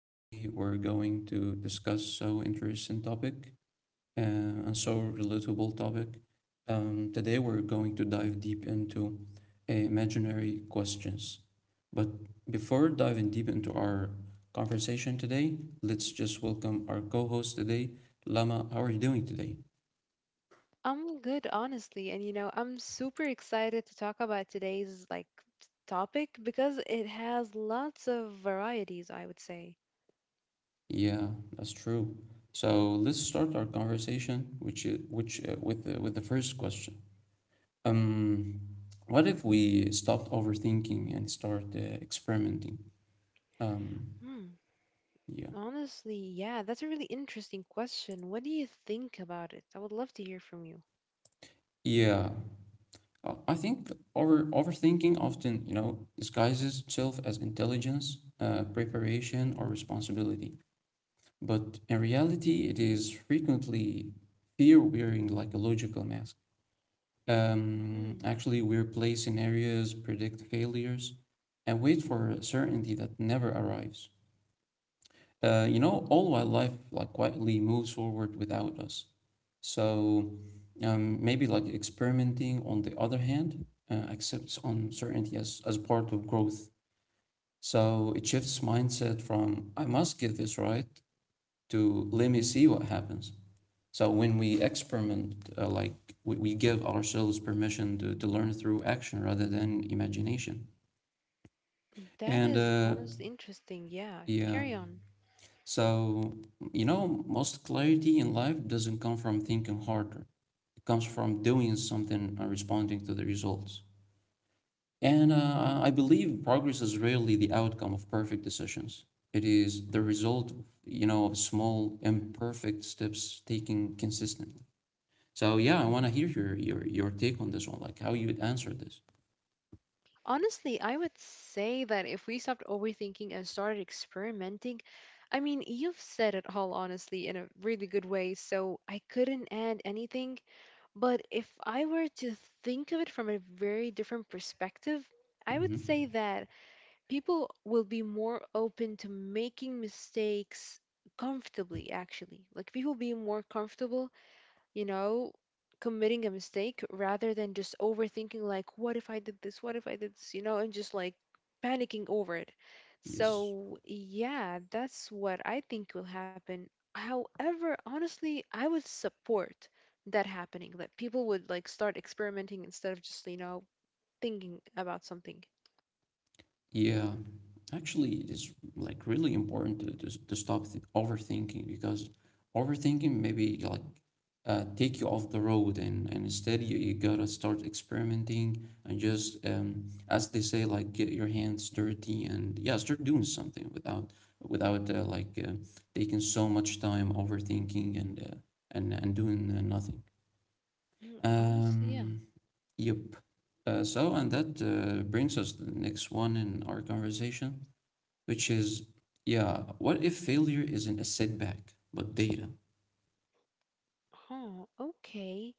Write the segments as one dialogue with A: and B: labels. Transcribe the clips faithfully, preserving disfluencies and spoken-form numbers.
A: Today, we're going to discuss so interesting topic uh, and so relatable topic. Um, today, we're going to dive deep into uh, imaginary questions. But before diving deep into our conversation today, let's just welcome our co-host today, Lama. How are you doing today?
B: I'm good, honestly. And you know, I'm super excited to talk about today's like topic because it has lots of varieties, I would say.
A: Yeah, that's true. So let's start our conversation, which is, which uh, with the, with the first question. Um, what if we stopped overthinking and start uh, experimenting? Um,
B: Hmm.
A: yeah,
B: Honestly, yeah, that's a really interesting question. What do you think about it? I would love to hear from you.
A: yeah. Uh, I think over overthinking often, you know, disguises itself as intelligence, uh, preparation, or responsibility. But in reality, it is frequently fear wearing like a logical mask. Um,
B: Hmm.
A: actually, we replay scenarios, predict failures, and wait for certainty that never arrives. Uh, you know, all wildlife like quietly moves forward without us. So um, maybe like experimenting, on the other hand, uh, accepts uncertainty as, as part of growth. So it shifts mindset from I must get this right to let me see what happens. So when we experiment, uh, like we, we give ourselves permission to, to learn through action rather than imagination.
B: That
A: And
B: is
A: uh,
B: honestly interesting. Yeah,
A: yeah.
B: carry on.
A: So, you know, most clarity in life doesn't come from thinking harder. It comes from doing something and responding to the results. And uh, I believe progress is rarely the outcome of perfect decisions. It is the result of, you know, of small, imperfect steps taken consistently. So, yeah, I want to hear your, your, your take on this one, like how you would answer this.
B: Honestly, I would say that if we stopped overthinking and started experimenting, I mean, you've said it all honestly in a really good way, so I couldn't add anything. But if I were to think of it from a very different perspective, I would say
A: hmm
B: that people will be more open to making mistakes comfortably, actually. Like, people be more comfortable you know, committing a mistake rather than just overthinking, like, what if I did this? What if I did this? You know, and just like panicking over it.
A: Yes.
B: So, yeah, that's what I think will happen. However, honestly, I would support that happening, that people would like start experimenting instead of just, you know, thinking about something.
A: Yeah, actually, it is like really important to to, to stop th overthinking because overthinking maybe like uh, take you off the road and, and instead you, you gotta start experimenting and just um, as they say like get your hands dirty and yeah start doing something without without uh, like uh, taking so much time overthinking and uh, and and doing uh, nothing.
B: Mm, Honestly, yeah.
A: Um, yep. Uh, so, and that uh, brings us to the next one in our conversation, which is, yeah, what if failure isn't a setback but data?
B: Huh. Okay.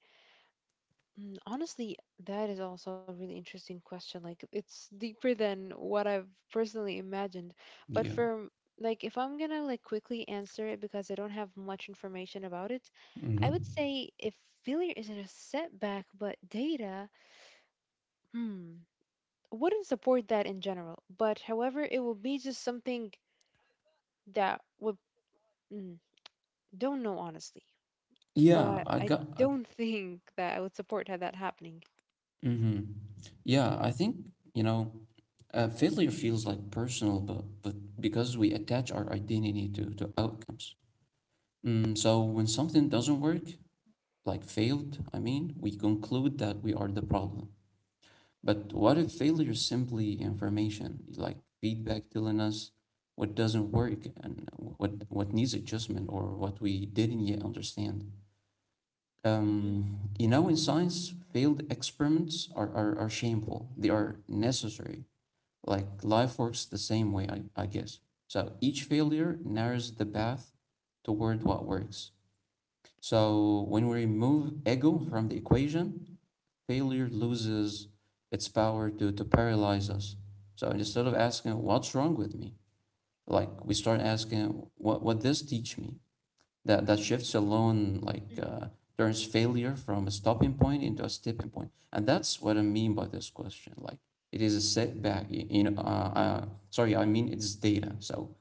B: Mm, Honestly, that is also a really interesting question. Like, it's deeper than what I've personally imagined. But
A: Yeah
B: for, like, if I'm gonna, like, quickly answer it because I don't have much information about it, I would
A: hmm
B: say if failure isn't a setback, but data, hmm, wouldn't support that in general. But however, it will be just something that would, mm, don't know, honestly.
A: yeah
B: But
A: I
B: I
A: got I,
B: don't think that I would support ha- that happening.
A: hmm Yeah, I think, you know, uh, failure feels like personal, but but because we attach our identity to to outcomes. Mm, so when something doesn't work, like failed I mean, we conclude that we are the problem. But what if failure is simply information, like feedback telling us what doesn't work and what what needs adjustment or what we didn't yet understand?
B: Mm-hmm.
A: Um, you know, in science, failed experiments are, are, are shameful. They are necessary. Like life works the same way, I, I guess. So each failure narrows the path toward what works. So when we remove ego from the equation, failure loses its power to, to paralyze us. So instead of asking, what's wrong with me? Like we start asking, what, what this teach me? That, that shifts alone, like uh, turns failure from a stopping point into a stepping point. And that's what I mean by this question. Like it is a setback, you know, uh, uh, sorry, I mean it's data. So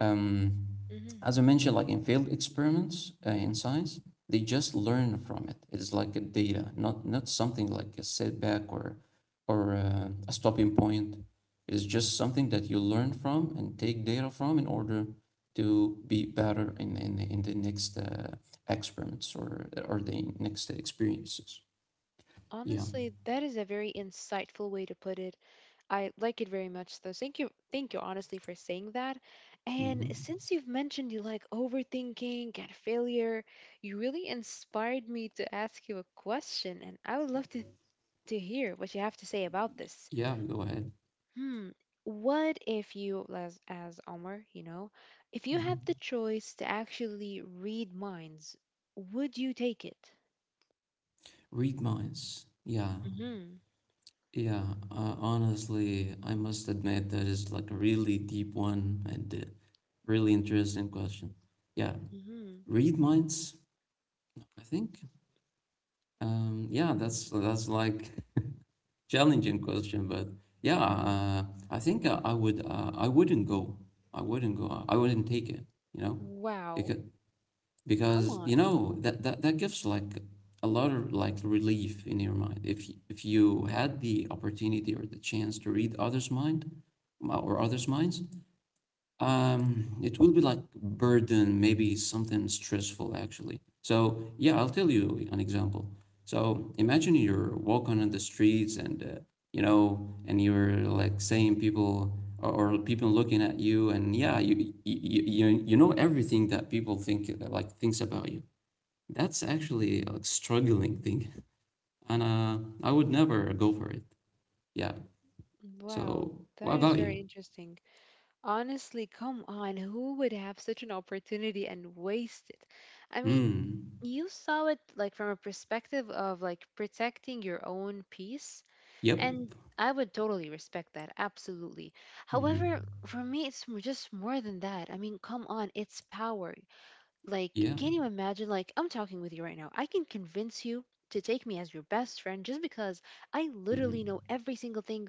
A: um,
B: Mm-hmm.
A: as I mentioned, like in failed experiments uh, in science, they just learn from it. It's like a data, not not something like a setback or or uh, a stopping point. It is just something that you learn from and take data from in order to be better in in, in the next uh, experiments or or the next experiences. Yeah.
B: Honestly, that is a very insightful way to put it. I like it very much, though. Thank you, thank you, honestly, for saying that. And
A: hmm
B: since you've mentioned you like overthinking and failure, you really inspired me to ask you a question, and I would love to to hear what you have to say about this.
A: Yeah. Go ahead.
B: Hmm, what if you, as as Omar, you know, if you
A: hmm
B: had the choice to actually read minds, would you take it?
A: Read minds. Yeah.
B: Mm-hmm.
A: Yeah, uh, honestly, I must admit that is like a really deep one and uh, really interesting question. Yeah,
B: Mm-hmm.
A: read minds, I think. Um, yeah, that's that's like challenging question, but yeah, uh, I think I, I would uh, I wouldn't go. I wouldn't go. I wouldn't take it, you know,
B: Wow.
A: because
B: Come
A: because you
B: on.
A: know that, that that gives like a lot of like relief in your mind if y- if you had the opportunity or the chance to read others mind, well, or others minds. Um, it will be like burden, maybe something stressful actually. So yeah, I'll tell you an example. So imagine you're walking on the streets and uh, you know, and you're like saying people or, or people looking at you, and yeah, you, you you you know everything that people think uh, like thinks about you. That's actually a like, struggling thing, and uh, I would never go for it. Yeah.
B: Wow,
A: So what
B: that is
A: about you?
B: very interesting. Honestly, come on, who would have such an opportunity and waste it? I mean,
A: Hmm.
B: you saw it like from a perspective of like protecting your own peace,
A: Yep.
B: and I would totally respect that, absolutely. However,
A: hmm
B: for me, it's m- just more than that. I mean, come on, it's power. Like,
A: Yeah.
B: can you imagine? Like, I'm talking with you right now. I can convince you to take me as your best friend just because I literally know
A: hmm
B: every single thing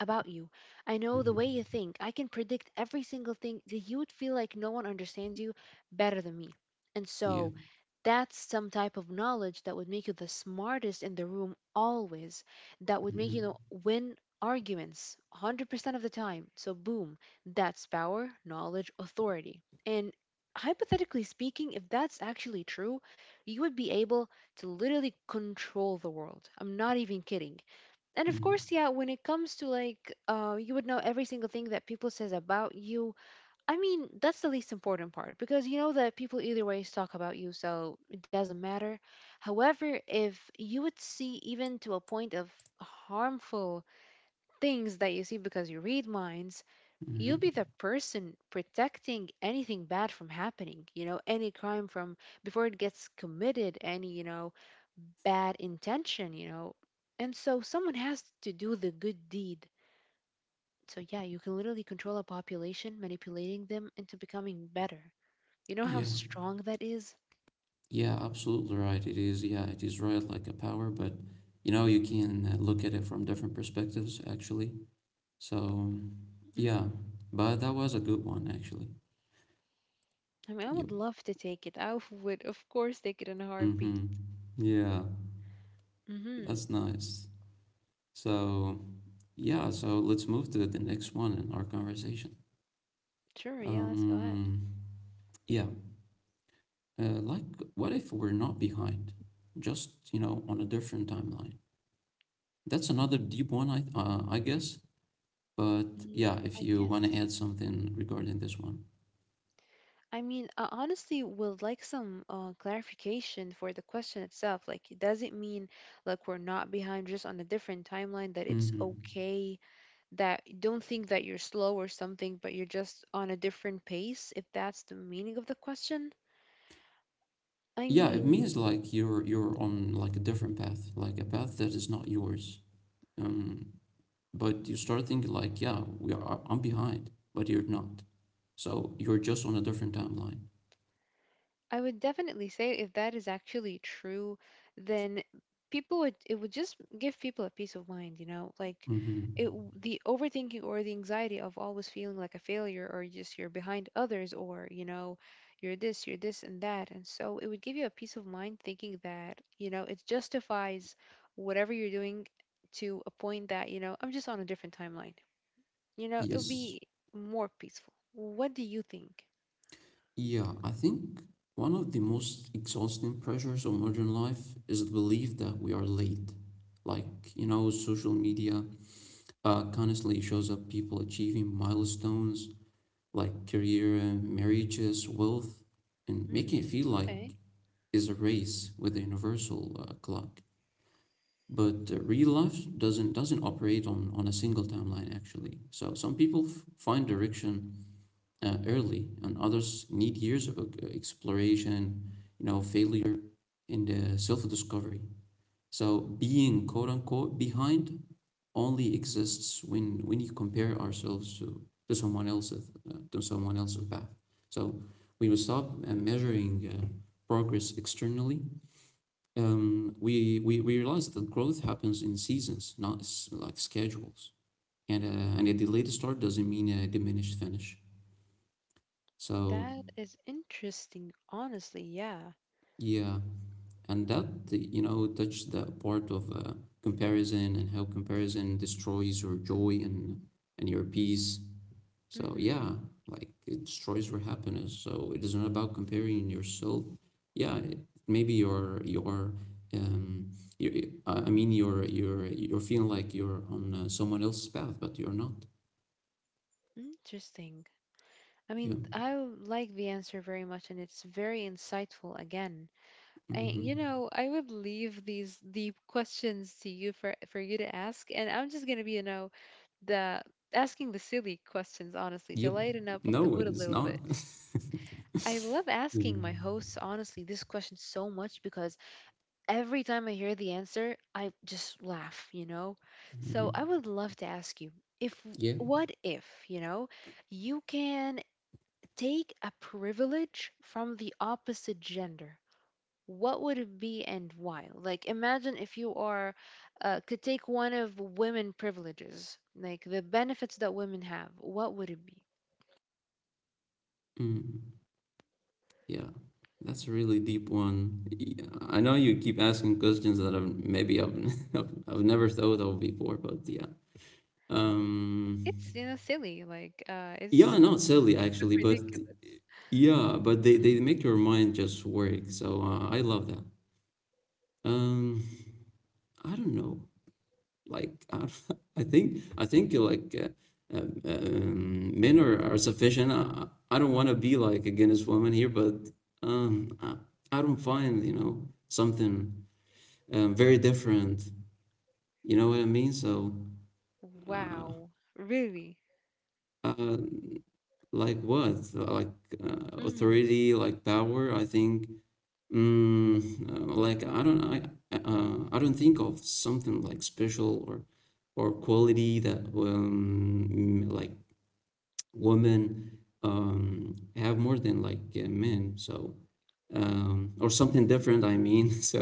B: about you. I know the way
A: Mhm.
B: you think. I can predict every single thing that you would feel like no one understands you better than me. And
A: Yeah.
B: so, that's some type of knowledge that would make you the smartest in the room always, that would make you know,
A: hmm
B: win arguments one hundred percent of the time. So, boom, that's power, knowledge, authority. And hypothetically speaking, if that's actually true, you would be able to literally control the world. I'm not even kidding. And of
A: hmm
B: course, yeah, when it comes to like uh you would know every single thing that people says about you. I mean, that's the least important part because you know that people either ways talk about you, so it doesn't matter. However, if you would see even to a point of harmful things that you see because you read minds, you be
A: hmm
B: the person protecting anything bad from happening, you know any crime from before it gets committed, any you know bad intention, you know and so someone has to do the good deed. So yeah, you can literally control a population, manipulating them into becoming better. You know how
A: Yeah.
B: strong that is?
A: Yeah, absolutely right. It is, yeah, it is right like a power, but you know, you can uh, look at it from different perspectives actually. So, um, yeah,
B: Mhm.
A: but that was a good one actually.
B: I mean, I
A: Yep.
B: would love to take it. I would of course take it in a heartbeat.
A: Mm-hmm. Yeah,
B: Hmm.
A: that's nice. So, yeah, so let's move to the next one in our conversation.
B: Sure, yeah, let's go ahead.
A: Um, yeah, uh, like what if we're not behind? Just, you know, on a different timeline. That's another deep one, I uh, I guess. But
B: mm,
A: yeah,
B: I
A: if you
B: guess
A: want to add something regarding this one.
B: I mean, I honestly would like some uh, clarification for the question itself. Like, does it mean like we're not behind just on a different timeline, that it's
A: hmm
B: okay that don't think that you're slow or something, but you're just on a different pace, if that's the meaning of the question? I
A: Yeah, it
B: mean,
A: means like you're you're on like a different path, like a path that is not yours. Um, but you start thinking like, yeah, we are I'm behind, but you're not. So you're just on a different timeline.
B: I would definitely say if that is actually true, then people would it would just give people a peace of mind, you know, like it
A: hmm
B: w- the overthinking or the anxiety of always feeling like a failure or just you're behind others, or you know, you're this, you're this and that, and so it would give you a peace of mind, thinking that you know it justifies whatever you're doing to a point that you know I'm just on a different timeline, you know, it would
A: Yes.
B: be more peaceful. What do you think?
A: Yeah, I think one of the most exhausting pressures of modern life is the belief that we are late. Like, you know, social media uh, constantly shows up people achieving milestones like career, marriages, wealth, and making it
B: Hmm.
A: feel like
B: Okay.
A: is a race with a universal uh, clock. But uh, real life doesn't doesn't operate on, on a single timeline actually. So some people f- find direction uh, early, and others need years of uh, exploration, you know, failure, and uh, self discovery. So being quote unquote behind only exists when when you compare ourselves to to someone else's uh, to someone else's path. So we we stop uh, measuring uh, progress externally, um, we, we we realize that growth happens in seasons, not s- like schedules. And uh, and a delayed start doesn't mean a diminished finish. So
B: That is interesting, honestly. Yeah.
A: yeah, and that you know touched that part of uh, comparison and how comparison destroys your joy and and your peace. So
B: Hmm.
A: yeah, like it destroys your happiness, so it is not about comparing yourself. yeah it- Maybe your your um your, i I mean you're you're you're feeling like you're on uh, someone else's path, but you're not.
B: Interesting. I
A: Yeah.
B: mean, I like the answer very much, and it's very insightful again. I, you
A: Mm-hmm.
B: know, I would leave these deep questions to you for for you to ask, and I'm just gonna be, you know, the asking the silly questions, honestly, to
A: Yep.
B: lighten up the
A: No,
B: mood
A: it
B: a
A: is
B: little
A: not.
B: bit. I love
A: Yeah.
B: asking my hosts, honestly, this question so much because every time I hear the answer, I just laugh, you know? So
A: hmm
B: I would love to ask you if,
A: yeah.
B: what if, you know, you can take a privilege from the opposite gender? What would it be and why? Like, imagine if you are, uh, could take one of women privileges, like the benefits that women have, what would it be?
A: mm Yeah, that's a really deep one. Y- I know you keep asking questions that I've maybe I've I've I've never thought of before, but yeah. Um,
B: It's, you know, silly. Like, uh, it's
A: yeah,
B: just, um,
A: not silly
B: it's so
A: actually, but
B: ridiculous.
A: yeah, but they they
B: Mhm.
A: make your mind just work. So uh, I love that. Um, I don't know. Like I, I think I think like uh, um, um, men are, are sufficient. I, I don't want to be like a Guinness woman here, but um, I, I don't find you know something um, very different. You know what I mean? So, uh,
B: Wow. Really?
A: uh, like what? Like uh,
B: Mm-hmm.
A: authority, like power. I think, mm, uh, like I don't, I, I, uh, I don't think of something like special, or or quality that um, like women um have more than like uh, men. So, um, or something different. I mean, so.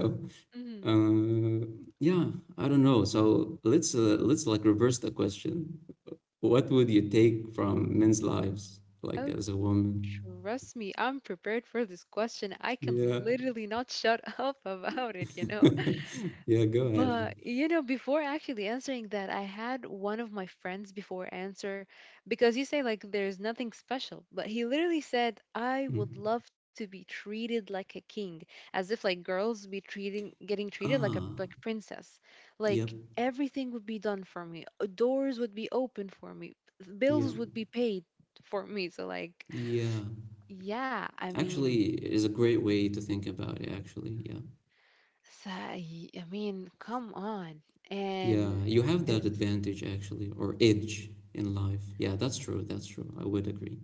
A: Uh, yeah, I don't know. So let's uh, let's like reverse the question. What would you take from men's lives, like
B: Oh,
A: as a woman?
B: trust me, I'm prepared for this question. I can
A: Yeah,
B: literally not shut up about it, you know?
A: yeah. Go ahead.
B: But, you know, before actually answering that, I had one of my friends before answer because you say, like, there's nothing special. But he literally said, I would
A: Mm.
B: love to be treated like a king, as if, like, girls be treating, getting treated like a
A: Ah,
B: like princess.
A: yep,
B: Like, everything would be done for me, uh, doors would be open for me,
A: yeah,
B: bills would be paid for me. So, like,
A: yeah.
B: yeah, I mean,
A: Actually, it is a great way to think about it. Actually, yeah,
B: so, I I mean, come on.
A: yeah.
B: And
A: You have that
B: is
A: advantage actually, or edge in life. Yeah, that's true. That's true. I would agree.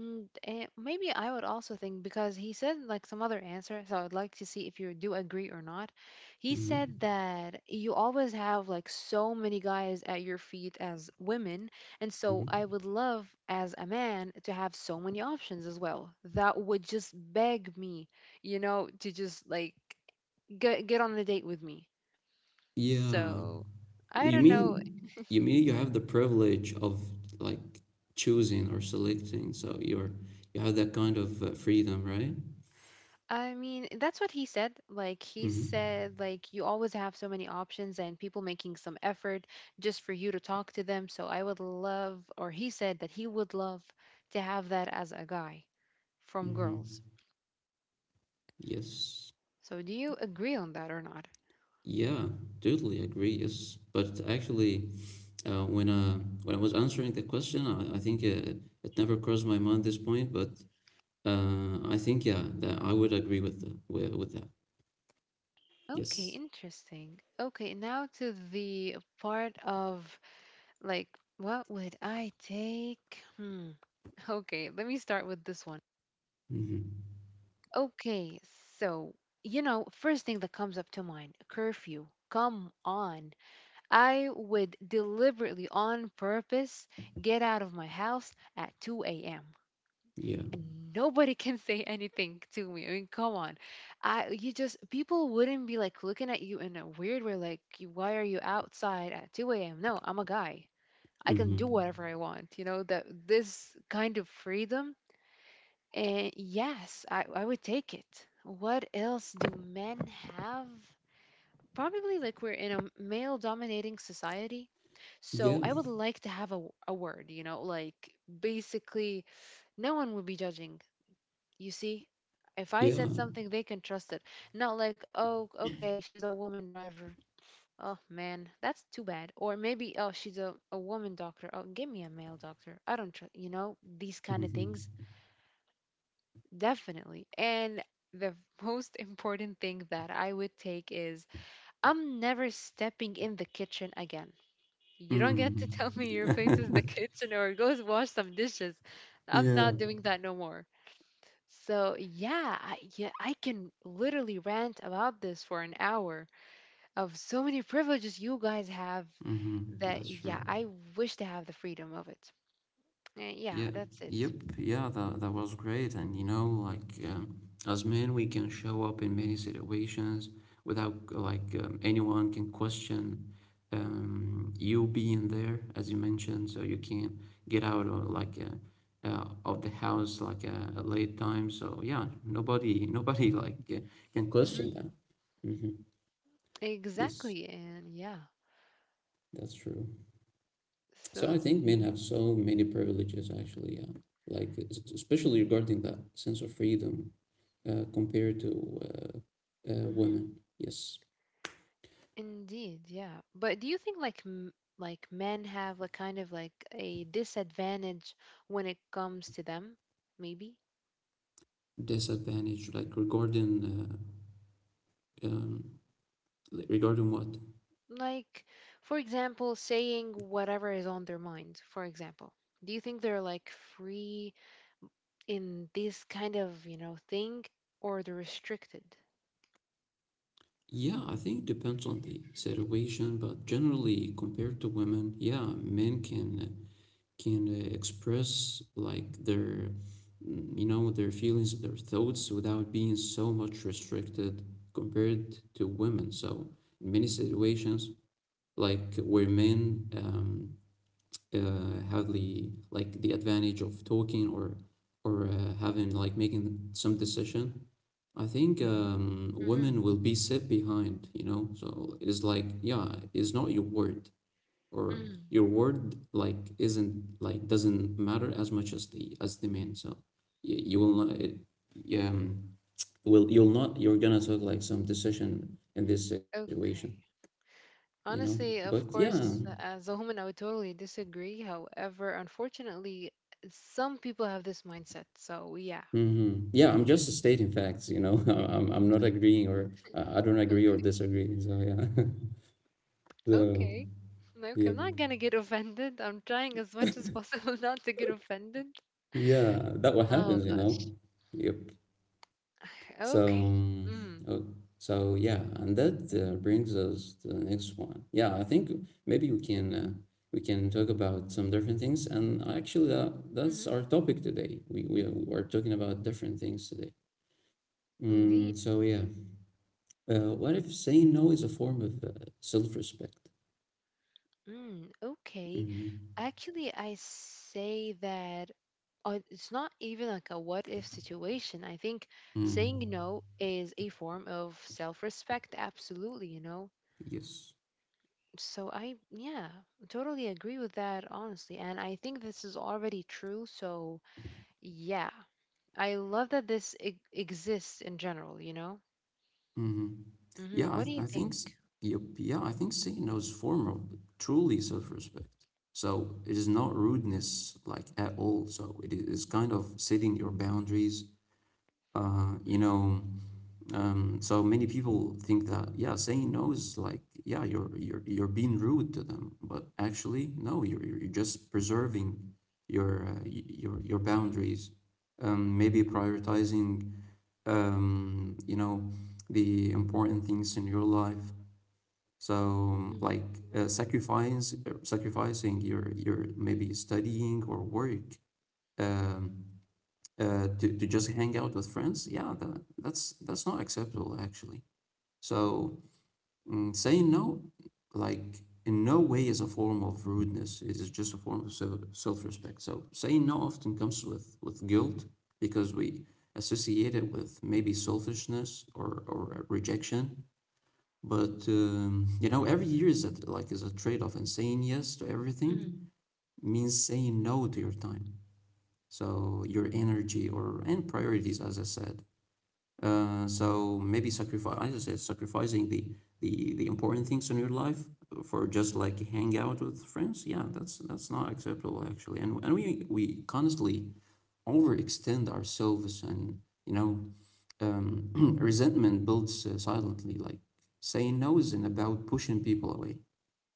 B: mm, and maybe I would also think because he said like some other answer, so I'd like to see if you do agree or not. He said
A: Mm-hmm.
B: that you always have like so many guys at your feet as women, and so I
A: Mm-hmm.
B: would love as a man to have so many options as well. That would just beg me, you know, to just like get get on a date with me.
A: Yeah,
B: So I
A: you
B: don't know.
A: mean you mean you have the privilege of like choosing or selecting, so you're you have that kind of uh, freedom, right?
B: I mean, that's what he said. Like he
A: Mm-hmm.
B: said, like you always have so many options and people making some effort just for you to talk to them. So I would love, or he said that he would love to have that as a guy from girls.
A: Mm-hmm. Yes.
B: So do you agree on that or not?
A: Yeah, totally agree. Yes, but actually, uh, when uh, when I was answering the question, I, I think uh, it never crossed my mind this point, but uh, I think yeah, that I would agree with the, with, with that.
B: Okay,
A: Yes.
B: interesting. Okay, now to the part of like, what would I take? Hmm. Okay, let me start with this one.
A: Mm-hmm.
B: Okay, so, you know, first thing that comes up to mind curfew. Come on. I would deliberately, on purpose, get out of my house at two a m.
A: Yeah.
B: And nobody can say anything to me. I mean, come on. I you just people wouldn't be like looking at you in a weird way, like "You- why are you outside at two a m? No, I'm a guy. I can do
A: Mm-hmm.
B: whatever I want." You know, that this kind of freedom. And yes, I, I would take it. What else do men have? Probably like we're in a male dominating society. So
A: Yeah.
B: I would like to have a, w- a word, you know, like basically no one would be judging. You see, if I
A: Yeah.
B: said something, they can trust it. Not like, oh, okay, she's a woman driver. Oh man, that's too bad. Or maybe, oh, she's a, a woman doctor. Oh, give me a male doctor. I don't trust, you know, these kind of things.
A: Mm-hmm.
B: Definitely. And the most important thing that I would take is I'm never stepping in the kitchen again. You don't get
A: Mm.
B: to tell me your place is the kitchen or go wash some dishes. I'm
A: Yeah.
B: not doing that no more. So yeah, I, yeah, I can literally rant about this for an hour of so many privileges you guys have
A: hmm
B: that
A: That's true.
B: yeah, I wish to have the freedom of it. Uh,
A: Yeah.
B: yeah, that's it.
A: Yep. Yeah, that that was great. And you know, like um, as men, we can show up in many situations without like um, anyone can question um, you being there, as you mentioned. So you can get out of like uh, uh, of the house like uh, at late time. So yeah, nobody nobody like uh, can question that.
B: hmm
A: hmm Yes,
B: Exactly, and yeah,
A: that's true.
B: so
A: So I
B: it's.
A: think men have so many privileges actually, yeah. Like especially regarding that sense of freedom uh, compared to uh, uh,
B: Mhm.
A: women. Yes,
B: Indeed, yeah. But do you think like m- like men have like kind of like a disadvantage when it comes to them? Maybe?
A: disadvantage like regarding uh, um, regarding what?
B: Like for example, saying whatever is on their mind, for example. Do you think they're like free in this kind of, you know, thing or they're restricted?
A: Yeah, I think it depends on the situation, but generally compared to women, yeah, men can can uh, express like their mm, you know their feelings, their thoughts without being so much restricted compared to women, so in many situations like where men, um, uh, have the like the advantage of talking or or uh, having like making some decision, I think um,
B: Mm-hmm.
A: women will be set behind, you know. So it's like, yeah, it's not your word or
B: mm
A: your word, like isn't, like doesn't matter as much as the as the man, so you, you will not it, you, um will you'll not, you're gonna take like some decision in this situation
B: Okay.
A: you know
B: Honestly,
A: but
B: of
A: yeah.
B: course, as a woman, I would totally disagree. However, unfortunately, some people have this mindset. So, yeah.
A: Hmm, yeah, I'm just stating facts you know i'm, I'm not agreeing or uh, I don't agree or disagree, so yeah. so
B: Okay. Like,
A: yep
B: I'm not gonna get offended. I'm trying as much as possible not to get offended.
A: yeah that what
B: Oh
A: happens you know
B: gosh.
A: yep So,
B: Okay.
A: um,
B: Mm.
A: oh, so yeah, and that uh, brings us to the next one. Yeah, I think maybe we can uh, we can talk about some different things, and actually that that's
B: Hmm.
A: our topic today. We we are talking about different things today.
B: Indeed.
A: Mm, so yeah, uh, what if saying no is a form of uh, self-respect?
B: Mm. Okay.
A: Mm.
B: Actually, I say that uh, it's not even like a what if situation. I think saying
A: Mm.
B: no is a form of self-respect, absolutely, you know.
A: Yes.
B: So I, yeah, totally agree with that, honestly. And I think this is already true. So, yeah. I love that this e- exists in general, you know?
A: Mm-hmm. Yeah,
B: hmm What do you
A: I, I think, s-
B: think?
A: yep, yeah, I think saying no is a form of truly self-respect. So it is not rudeness like at all. So it is kind of setting your boundaries uh, you
B: Mm,
A: know, um, so many people think that, yeah, saying no is like, yeah, you're you're you're being rude to them, but actually no, you're you're you're just preserving your uh, y- your your boundaries. Um, maybe prioritizing, um, you know, the important things in your life. So
B: mm,
A: like, uh, sacrifice, uh, sacrificing your your maybe studying or work. Um, uh, to to just hang out with friends, yeah, that that's that's not acceptable actually. So, mm, saying no, like, in no way is a form of rudeness. It is just a form of self self respect. So saying no often comes with with guilt because we associate it with maybe selfishness or or rejection. But um, you know, every year is a, like is a trade off, and saying yes to
B: mm,
A: everything means saying no to your time. So your energy or and priorities, as I said, uh, so maybe sacrifice, as I said, sacrificing the, the the important things in your life for just like hang out with friends. Yeah, that's that's not acceptable actually. And and we we constantly overextend ourselves, and you know, um, resentment builds uh, silently. Like saying no isn't about pushing people away.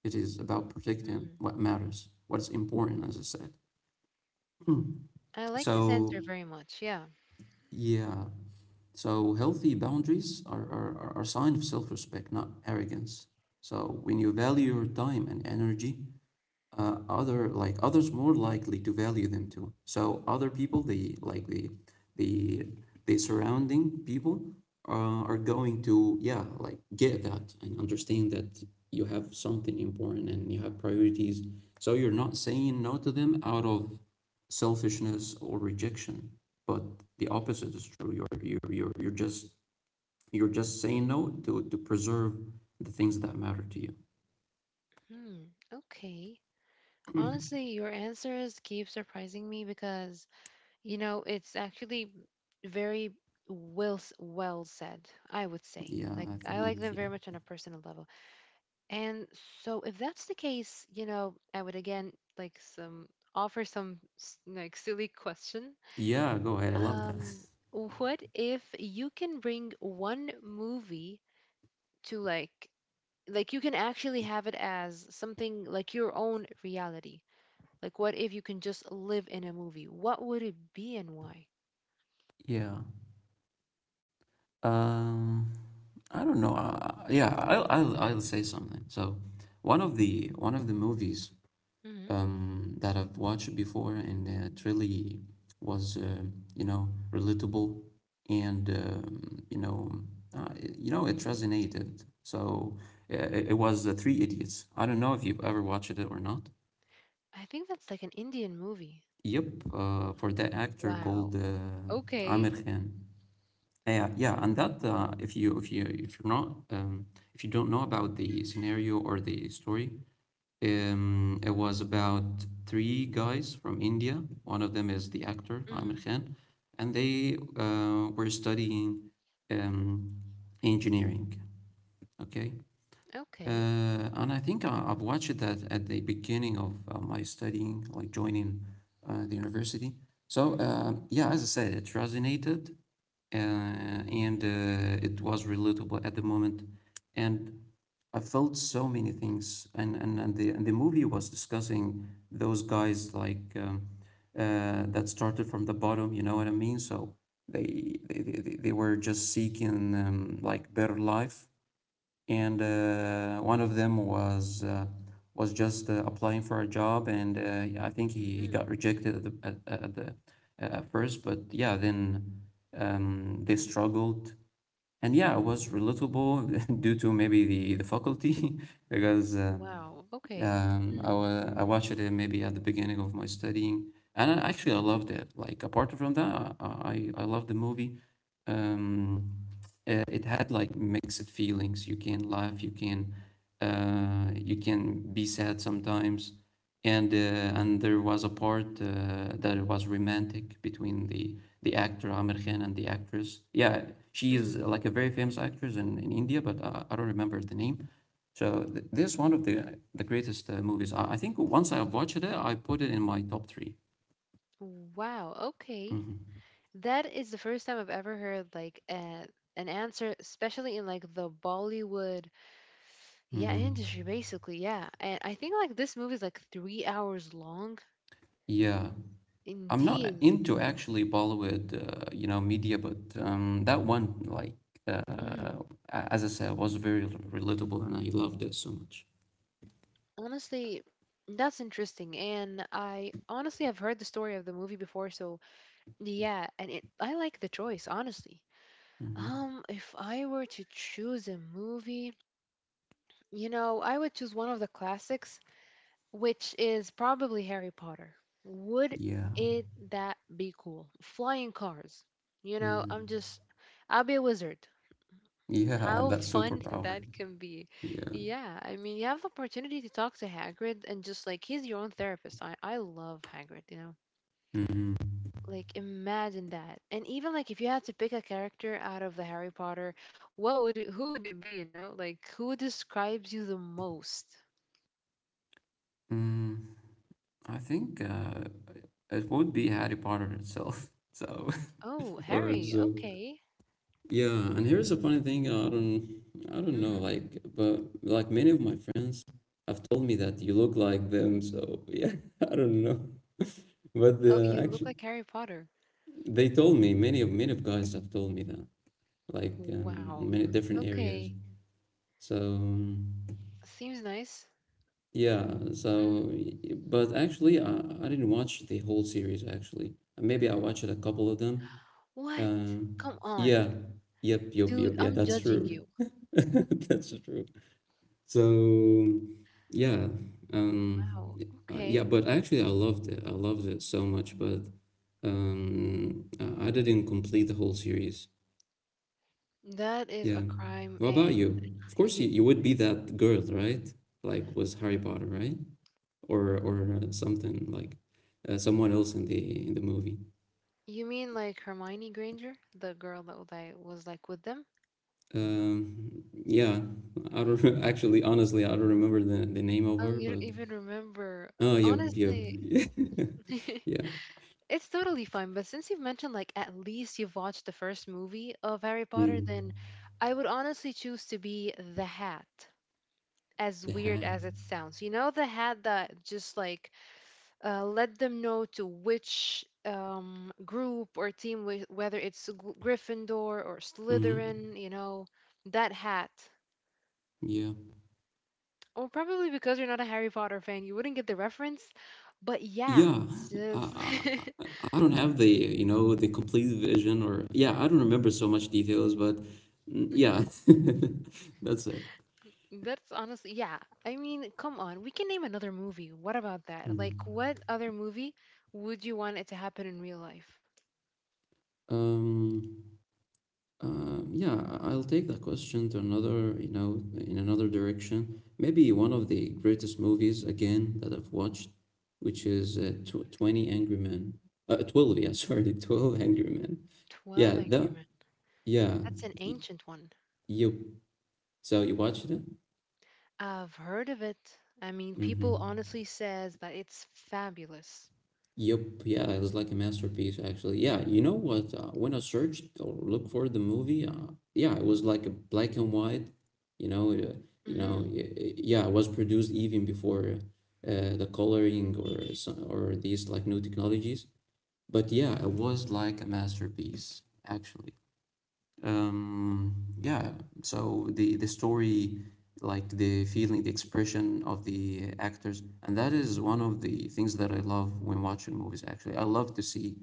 A: It is about protecting
B: mm.
A: what matters, what's important, as I said.
B: I like this
A: So
B: answer very much. Yeah.
A: yeah, so healthy boundaries are, are, are a sign of self-respect, not arrogance. So when you value your time and energy, uh, other like others more likely to value them too. So other people, the like the the the surrounding people uh, are going to, yeah, like get that and understand that you have something important and you have priorities. So you're not saying no to them out of selfishness or rejection, but the opposite is true. You're you're you're, you're just you're just saying no to to preserve the things that matter to you.
B: Hmm. Okay. Honestly, your answers keep surprising me because, you know, it's actually very well s- well said, I would say.
A: Yeah,
B: Like
A: I
B: I
A: think,
B: like them
A: yeah.
B: very much on a personal level. And so if that's the case, you know, I would again like some offer some s- like silly question.
A: Yeah, go ahead. I love that.
B: Um, what if you can bring one movie to like like you can actually have it as something like your own reality? Like what if you can just live in a movie? What would it be and why?
A: Yeah. Um, I don't know. Uh, yeah, I'll, I'll I'll say something. So, one of the one of the movies
B: hmm
A: um that I've watched before, and uh, it really was, uh, you know relatable, and um, you know uh, it- you know it resonated. So uh, it, it was, uh, Three Idiots. I don't know if you've ever watched it or not.
B: I think that's like an Indian movie.
A: Yep. Uh, for that actor called,
B: Wow.
A: uh, Amir
B: Okay.
A: Khan. Uh, yeah, and that uh, if you if you if you're not um, if you don't know about the scenario or the story, um, it was about three guys from India. One of them is the actor Amir
B: Hmm.
A: Khan, and they, uh, were studying, um, engineering. Okay,
B: Okay.
A: uh, and I think I, I've watched that at the beginning of uh, my studying, like joining uh, the university. So,
B: Hmm.
A: um, yeah, as I said, it resonated, uh, and uh, it was relatable at the moment, and I felt so many things. And and, and the and the movie was discussing those guys like, um, uh, that started from the bottom. You know what I mean? So they they they, they they were just seeking, um, like, better life, and uh, one of them was, uh, was just uh, applying for a job, and uh, yeah, I think he, he got
B: Hmm.
A: rejected at the at, at the uh, at first, but yeah, then um, they struggled, and yeah, it was relatable due to maybe the the faculty because, uh,
B: Wow. Okay.
A: um, I wa- I watched it maybe at the beginning of my studying, and, I, actually I loved it. Like apart from that, I I, I love the movie. Um, uh, it had like mixed feelings. You can laugh, you can uh, you can be sad sometimes, and, uh, and there was a part, uh, that it was romantic between the the actor Amir Khan and the actress. Yeah, she is,
B: Mm-hmm.
A: uh, like, a very famous actress in, in India, but I, I don't remember the name. So th- this is one of the the greatest, uh, movies. I, I think once I watched it, I put it in my top three.
B: Wow. Okay.
A: Mm-hmm.
B: That is the first time I've ever heard like a, an answer, especially in like the Bollywood, yeah, industry,
A: Mm-hmm.
B: basically, yeah. And I think like this movie is like three hours long.
A: Yeah, I'm not
B: Indeed.
A: into actually Bollywood, uh, you know, media, but, um, that one, like, uh,
B: Mhm.
A: a- as I said, was very rel- relatable, and I loved it so much.
B: Honestly, that's interesting. And I honestly have heard the story of the movie before, so yeah. And it, I like the choice, honestly.
A: Mm-hmm.
B: Um, if I were to choose a movie, you know, I would choose one of the classics, which is probably Harry Potter. Would
A: Yeah.
B: it that be cool? Flying cars. You know, I'm
A: Mm-hmm.
B: just I'll be a wizard.
A: Yeah,
B: How
A: that
B: fun
A: superpower.
B: that can be.
A: Yeah.
B: Yeah, I mean, you have the opportunity to talk to Hagrid and just like he's your own therapist. I I love Hagrid, you know.
A: Mm-hmm.
B: Like imagine that. And even like if you had to pick a character out of the Harry Potter, what would it, who would it be, you know? Like who describes you the most?
A: Mm, I think, uh, it would be Harry Potter itself. So,
B: Oh,
A: or
B: Harry.
A: absorb.
B: Okay.
A: Yeah, and here's the funny thing, I don't I don't know, like, but like many of my friends have told me that you look like them, so yeah, I don't know. But,
B: Oh,
A: uh,
B: you look
A: actually
B: like Harry Potter.
A: they told me, many of many of guys have told me that, like, um, in
B: Wow.
A: many different areas.
B: Okay.
A: So
B: Seems nice.
A: yeah,
B: Mm.
A: so but actually I, I didn't watch the whole series actually. Maybe I watched a couple of them.
B: What?
A: Um
B: Come on.
A: yeah. Yep, yep,
B: Dude,
A: yep. Yeah,
B: I'm
A: that's
B: judging
A: true.
B: you.
A: That's true. So yeah, um,
B: Wow.
A: uh, yeah,
B: Okay.
A: but actually I loved it. I loved it so much, but, um, I I didn't complete the whole series.
B: That is a
A: Yeah.
B: crime.
A: What about
B: And
A: you? Of course,
B: you
A: you, you would be that girl, right? Like, was Harry Potter, right? Or or uh, something like, uh, someone else in the in the movie.
B: you mean like Hermione Granger, the girl that was like was, like, with them?
A: Um, yeah, I don't re- actually, honestly, I don't remember the the name of
B: Oh,
A: her,
B: you don't
A: but,
B: even remember.
A: oh, yep, yep,
B: Honestly,
A: yeah, yeah.
B: it's totally fine, but since you've mentioned like at least you've watched the first movie of Harry Potter, then
A: Mm.
B: I would honestly choose to be the Hat. as
A: The
B: weird as
A: hat.
B: it sounds. You know, the hat that just like uh, let them know to which um, group or team, wh- whether it's Gl- Gryffindor or
A: Hmm.
B: Slytherin, you know, that hat.
A: Yeah.
B: Or probably because you're not a Harry Potter fan, you wouldn't get the reference. But yeah,
A: Yeah.
B: it's
A: I,
B: just.
A: I, I I don't have the, you know, the complete vision or, yeah, I don't remember so much details, but, mm, yeah,
B: Mm,
A: that's it.
B: That's honestly, yeah. I mean, come on. We can name another movie. What about that? Like,
A: Mm.
B: what other movie would you want it to happen in real life?
A: Um, um, yeah, I- I'll take that question to another, you know, in another direction. Maybe one of the greatest movies again that I've watched, which is, uh, tw twenty Angry Men. Uh, twelve, yeah, sorry, twelve Angry Men.
B: twelve
A: Yeah,
B: Angry
A: that,
B: Men.
A: yeah.
B: That's an
A: y-
B: ancient one.
A: Yep. So you watched it?
B: I've heard of it. I mean, people
A: Mm-hmm.
B: honestly says that it's fabulous.
A: Yep. Yeah, it was like a masterpiece, actually. Yeah, you know what? Uh, when I searched or looked for the movie, uh, yeah, it was like a black and white. You know, uh, you know,
B: Mm-hmm,
A: y- y- yeah, it was produced even before, uh, the coloring or some, or these like new technologies. But yeah, it was like a masterpiece, actually. um yeah so the the story, like the feeling, the expression of the actors, and that is one of the things that I love when watching movies. Actually, I love to see,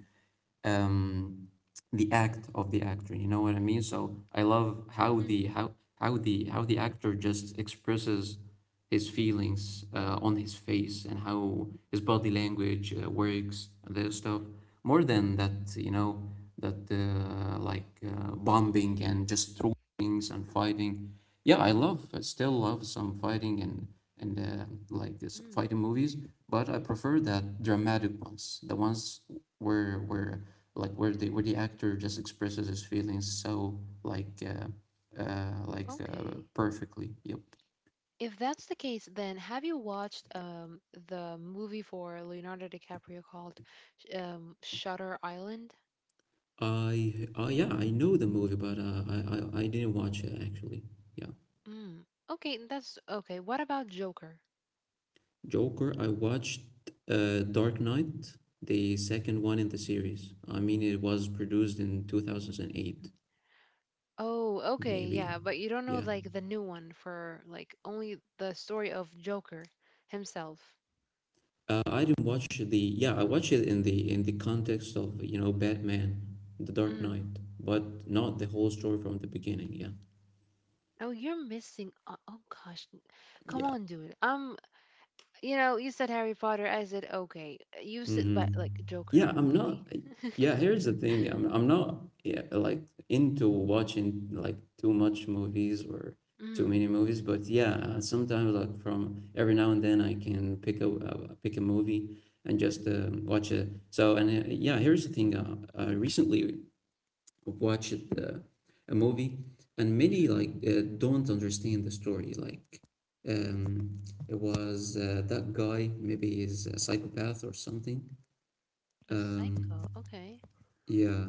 A: um, the act of the actor. You know what I mean? So I love how the
B: mm-hmm,
A: how how the how the actor just expresses his feelings, uh, on his face, and how his body language, uh, works, and that stuff more than that, you know, that, uh, like uh, bombing and just throwing things and fighting. Yeah, i love I still love some fighting, and and uh, like this
B: mm.
A: fighting movies, but I prefer that dramatic ones, the ones where where like where the where the actor just expresses his feelings, so like, uh, uh, like uh,
B: Okay.
A: perfectly. Yep.
B: If that's the case, then have you watched um the movie for Leonardo DiCaprio called sh- um Shutter Island?
A: I uh, yeah, I know the movie, but, uh, I, I I didn't watch it actually. Yeah.
B: Mm. Okay, that's okay. What about Joker?
A: Joker. I watched, uh, Dark Knight, the second one in the series. I mean, it was produced in two thousand eight,
B: Oh, okay,
A: maybe.
B: yeah, but you don't know
A: Yeah.
B: like the new one for like only the story of Joker himself.
A: Uh, I didn't watch the yeah, I watched it in the in the context of, you know, Batman, The Dark
B: Mm.
A: Knight, but not the whole story from the beginning, yeah.
B: Oh, you're missing. o- Oh, gosh, come
A: Yeah.
B: on, dude. I'm You know, you said Harry Potter. I said okay. You said but
A: Mm-hmm.
B: like Joker,
A: Yeah, I'm
B: really?
A: not. I- Yeah, here's the thing. I'm I'm not yeah, like into watching like too much movies or too
B: Mm.
A: many movies, but yeah, uh, sometimes like from every now and then I can pick a uh, pick a movie and just um, watch it. So and uh, yeah, here's the thing. Uh, I recently watched uh, a movie, and many
B: hmm
A: like uh, don't understand the story. Like um, it was uh, that guy, maybe he's a psychopath or something.
B: A
A: Um,
B: Psycho. Okay.
A: yeah,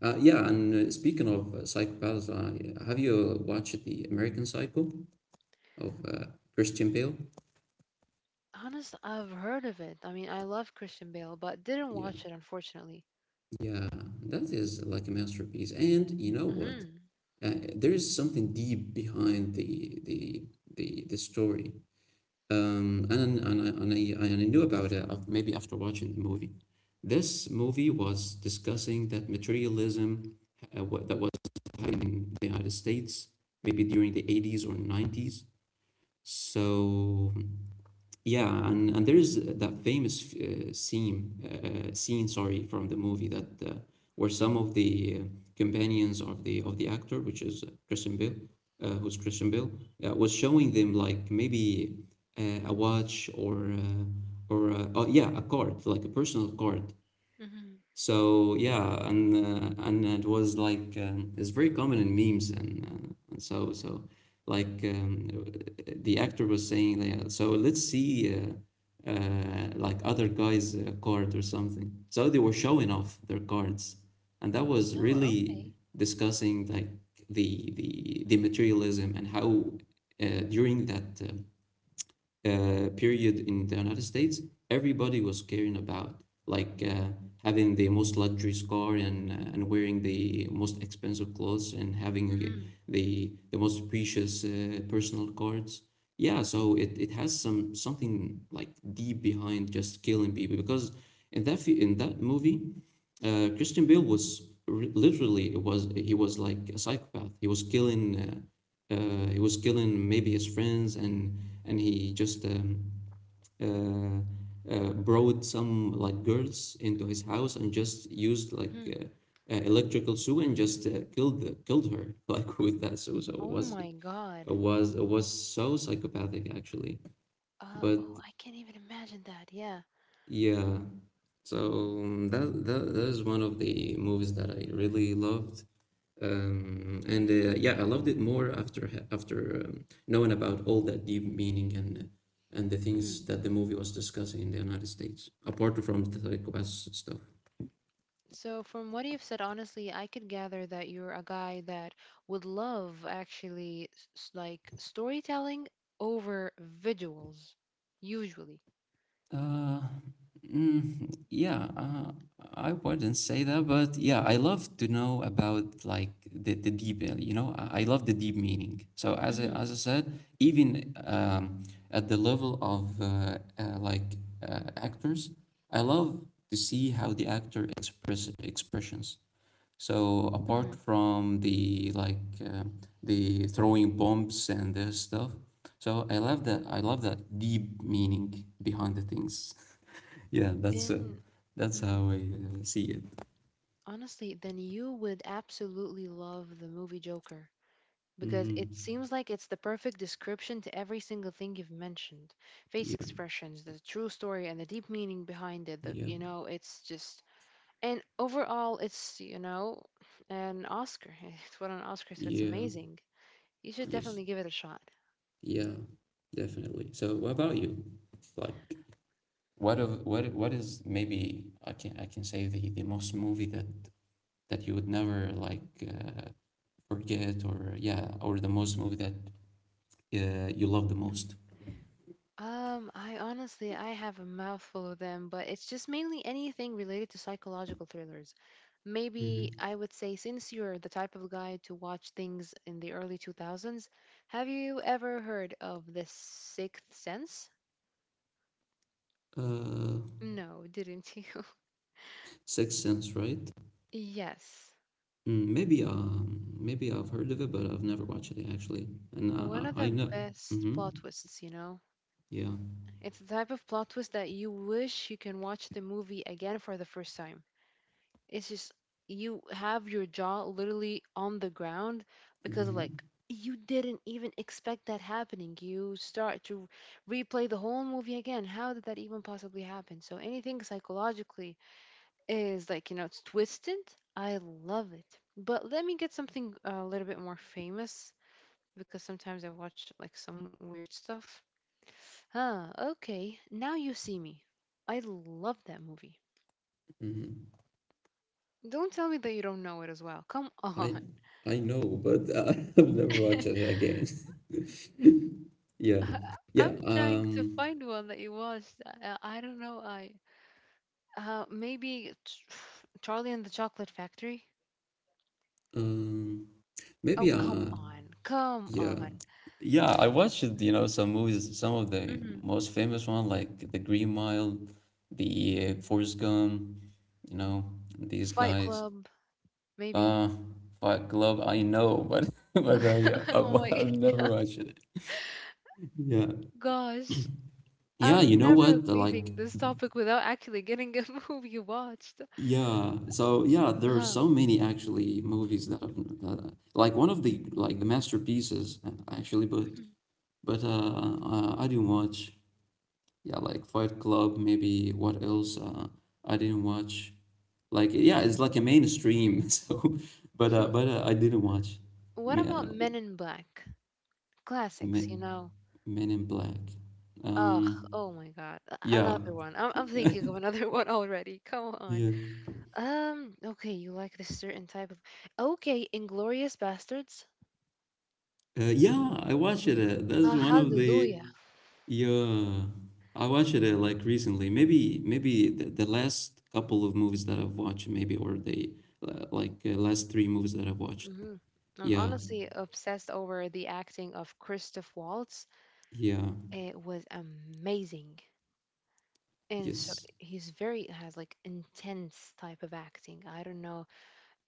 A: uh, yeah. And uh, Speaking of uh, psychopaths, I, have you watched the American Psycho of uh, Christian Bale?
B: Honest, I've heard of it. I mean, I love Christian Bale, but didn't
A: Yeah,
B: watch it unfortunately.
A: yeah. That is like a masterpiece. And you know what?
B: Mhm.
A: Uh, there is something deep behind the the the the story. Um, and and I, and I and I knew about it maybe after watching the movie. This movie was discussing that materialism uh, what, that was happening in the United States, maybe during the eighties or nineties. So hmm, yeah, and, and there is that famous uh, scene, uh, scene, sorry, from the movie that uh, where some
B: Mhm.
A: of the uh, companions of the of the actor, which is Christian Bale, uh, who's Christian Bale, uh, was showing them like maybe uh, a watch or uh, or uh, oh yeah, a card, like a personal card.
B: Mhm.
A: So yeah, and uh, and it was like um, it's very common in memes and uh, and so so like um, the actor was saying like, uh, so let's see uh, uh, like other guys' uh, card or something. So they were showing off their cards, and that was
B: Oh,
A: really
B: okay.
A: discussing like the the the materialism and how uh, during that um uh, period in the United States, everybody was caring about like uh, having the most luxurious car and uh, and wearing the most expensive clothes and having
B: Mhm.
A: the the most precious uh, personal cards. Yeah, so it, it has some something like deep behind just killing people because in that fi- in that movie, uh, Christian Bale was r- literally it was he was like a psychopath. He was killing. Uh, uh, he was killing maybe his friends, and and he just um, uh, uh, brought some like girls into his house and just used like
B: Mhm.
A: uh, uh, electrical saw and just uh, killed the, killed her like with that saw. So it
B: Oh
A: was
B: my God.
A: it was it was so psychopathic actually.
B: Uh,
A: But
B: oh, I can't even imagine that. Yeah.
A: yeah. So um, that, that that is one of the movies that I really loved. Um, and uh, Yeah, I loved it more after ha- after um, knowing about all that deep meaning and and the
B: Mm-hmm.
A: things that the movie was discussing in the United States, apart from the psychopath stuff.
B: So, from what you've said, honestly, I could gather that you're a guy that would love actually s- s- like storytelling over visuals, usually.
A: Uh, mm, yeah, uh, I wouldn't say that, but yeah, I love to know about like the, the deep, uh, you know, I I love the deep meaning. So as I,
B: hmm
A: as I said, even um, at the level of uh, uh, like uh, actors, I love to see how the actor express expressions. So apart
B: hmm
A: from the like uh, the throwing bombs and this stuff, so I love that I love that deep meaning behind the things. Yeah, that's uh,
B: Then,
A: that's
B: mhm,
A: how I uh, see it.
B: honestly, then you would absolutely love the movie Joker, because it
A: Mm-hmm.
B: seems like it's the perfect description to every single thing you've mentioned. Face
A: Yeah,
B: expressions, the true story, and the deep meaning behind it. The,
A: yeah,
B: you know, it's just. And overall, it's, you know, an Oscar. It's won an Oscar, so it's
A: yeah,
B: amazing. You should
A: yes,
B: definitely give it a shot.
A: yeah, definitely. So what about you? Like, what of what what is, maybe I can I can say the the most movie that that you would never like uh, forget, or yeah, or the most movie that uh, you love the
B: Mm.
A: most?
B: Um, I honestly, I have a mouthful of them, but it's just mainly anything related to psychological thrillers. Maybe
A: Hmm.
B: I would say, since you're the type of guy to watch things in the early two thousands, have you ever heard of The Sixth Sense?
A: Uh,
B: No, didn't you?
A: Sixth Sense, right?
B: Yes.
A: Mm, maybe um, maybe I've heard of it, but I've never watched it actually. And I
B: One of
A: I,
B: the
A: I know.
B: best
A: Hmm.
B: plot twists, you know?
A: Yeah.
B: It's the type of plot twist that you wish you can watch the movie again for the first time. It's just you have your jaw literally on the ground because
A: Hmm.
B: like you didn't even expect that happening. You start to replay the whole movie again. How did that even possibly happen? So anything psychologically is like, you know, it's twisted. I love it. But let me get something uh, a little bit more famous, because sometimes I watch like some weird stuff. Ah, okay. Now you see me. I love that movie.
A: Hmm.
B: Don't tell me that you don't know it as well. Come
A: I
B: on.
A: I know, but uh, I've never watched it again. Yeah.
B: I, I'm
A: Yeah.
B: trying to
A: Um.
B: find one that you watched. I, I don't know. I uh maybe Ch- Charlie and the Chocolate Factory.
A: Um.
B: Oh,
A: Maybe.
B: come
A: Uh.
B: on. Come
A: Yeah.
B: on.
A: Yeah, I watched, you know, some movies, some of the
B: hmm
A: most famous one like The Green Mile, the uh, Forrest Gump, you know, these
B: Fight
A: guys.
B: Club, maybe.
A: Uh, Fight Club, I know, but but I, uh, yeah,
B: Oh
A: I've,
B: my
A: I've never watched it. Yeah.
B: gosh.
A: Yeah, you
B: I'm
A: know
B: never
A: what? Like,
B: leaving this topic without actually getting a movie you watched.
A: yeah. So yeah, there are
B: Uh,
A: so many actually movies that I've that, like one of the like the masterpieces uh, actually, but
B: mhm.
A: but uh, uh I didn't watch. Yeah, like Fight Club, maybe what else? Uh, I didn't watch. Like yeah, it's like a mainstream. So, but uh, but uh, I didn't watch.
B: What
A: Me-
B: about
A: uh,
B: Men in Black? Classics, you
A: Men,
B: know.
A: Men in Black.
B: Ugh,
A: Um.
B: oh my God. a-
A: Yeah.
B: Another one. I'm, I'm thinking of another one already. Come on.
A: Yeah.
B: Um, okay, you like this certain type of. Okay, Inglorious Bastards.
A: Uh, yeah, I watched it. uh, That's
B: Ah,
A: one of the
B: hallelujah.
A: yeah. I watched it uh, like recently. Maybe maybe the, the last couple of movies that I've watched, maybe, or the uh, like uh, last three movies that I've watched.
B: hmm I'm
A: Yeah.
B: honestly obsessed over the acting of Christoph Waltz.
A: Yeah.
B: It was amazing. And so
A: Yes.
B: he's very has like intense type of acting. I don't know.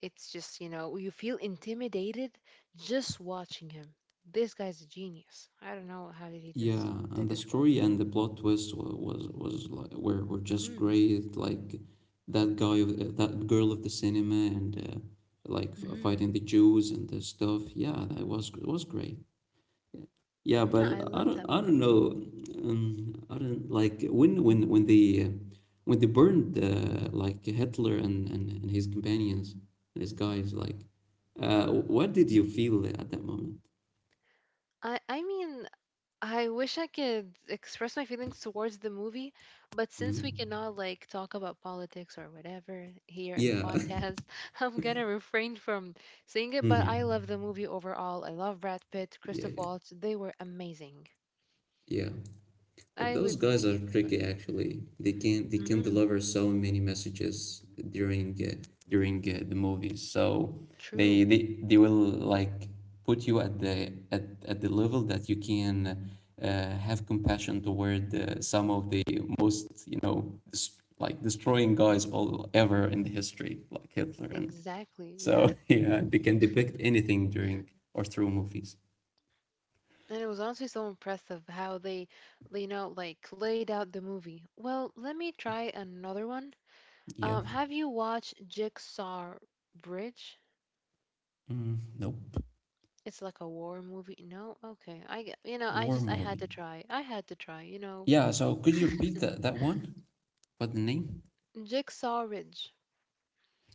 B: It's just, you know, you feel intimidated just watching him. This guy's a genius. I don't know how did he did this
A: Yeah,
B: did
A: and the
B: this role.
A: story and the plot twist was was, was like, were were just
B: Mhm.
A: great. Like that guy, of- uh, that girl of the cinema, and uh, like f-
B: Mhm.
A: fighting the Jews and the stuff. Yeah, that was it was great. Yeah, but
B: Yeah, I
A: I
B: love
A: don't
B: that
A: I don't
B: movie.
A: know. Um, I don't like when when when they uh, when they burned uh, like Hitler and, and and his companions, his guys. Like, uh, what did you feel at that moment?
B: I I mean, I wish I could express my feelings towards the movie, but since we
A: Mhm.
B: cannot like talk about politics or whatever here in the
A: Yeah.
B: podcast, I'm gonna refrain from saying it, but I love
A: Hmm.
B: the movie overall. I love Brad Pitt,
A: Yeah,
B: Christoph
A: yeah,
B: Waltz. They were amazing.
A: yeah. But
B: I
A: those
B: would
A: guys are
B: keep it.
A: tricky actually. They can they can
B: Mm-hmm.
A: deliver so many messages during uh, during uh, the movies. So they,
B: True.
A: they they will like put you at the at, at the level that you can uh, have compassion toward uh, some of the most, you know, dis- like destroying guys all ever in the history like Hitler and
B: Exactly, yeah.
A: so yeah, they can depict anything during or through movies.
B: And it was honestly so impressive how they, you know, like laid out the movie. Well, let me try another one.
A: Yeah.
B: Um, have you watched Jigsaw Bridge?
A: Mm, nope.
B: It's like a war movie. No? Okay. I, g- you know, I
A: War
B: just, I had to
A: movie.
B: try, I had to try, you know.
A: Yeah, so could you repeat that that one? What the name?
B: Jigsaw Ridge.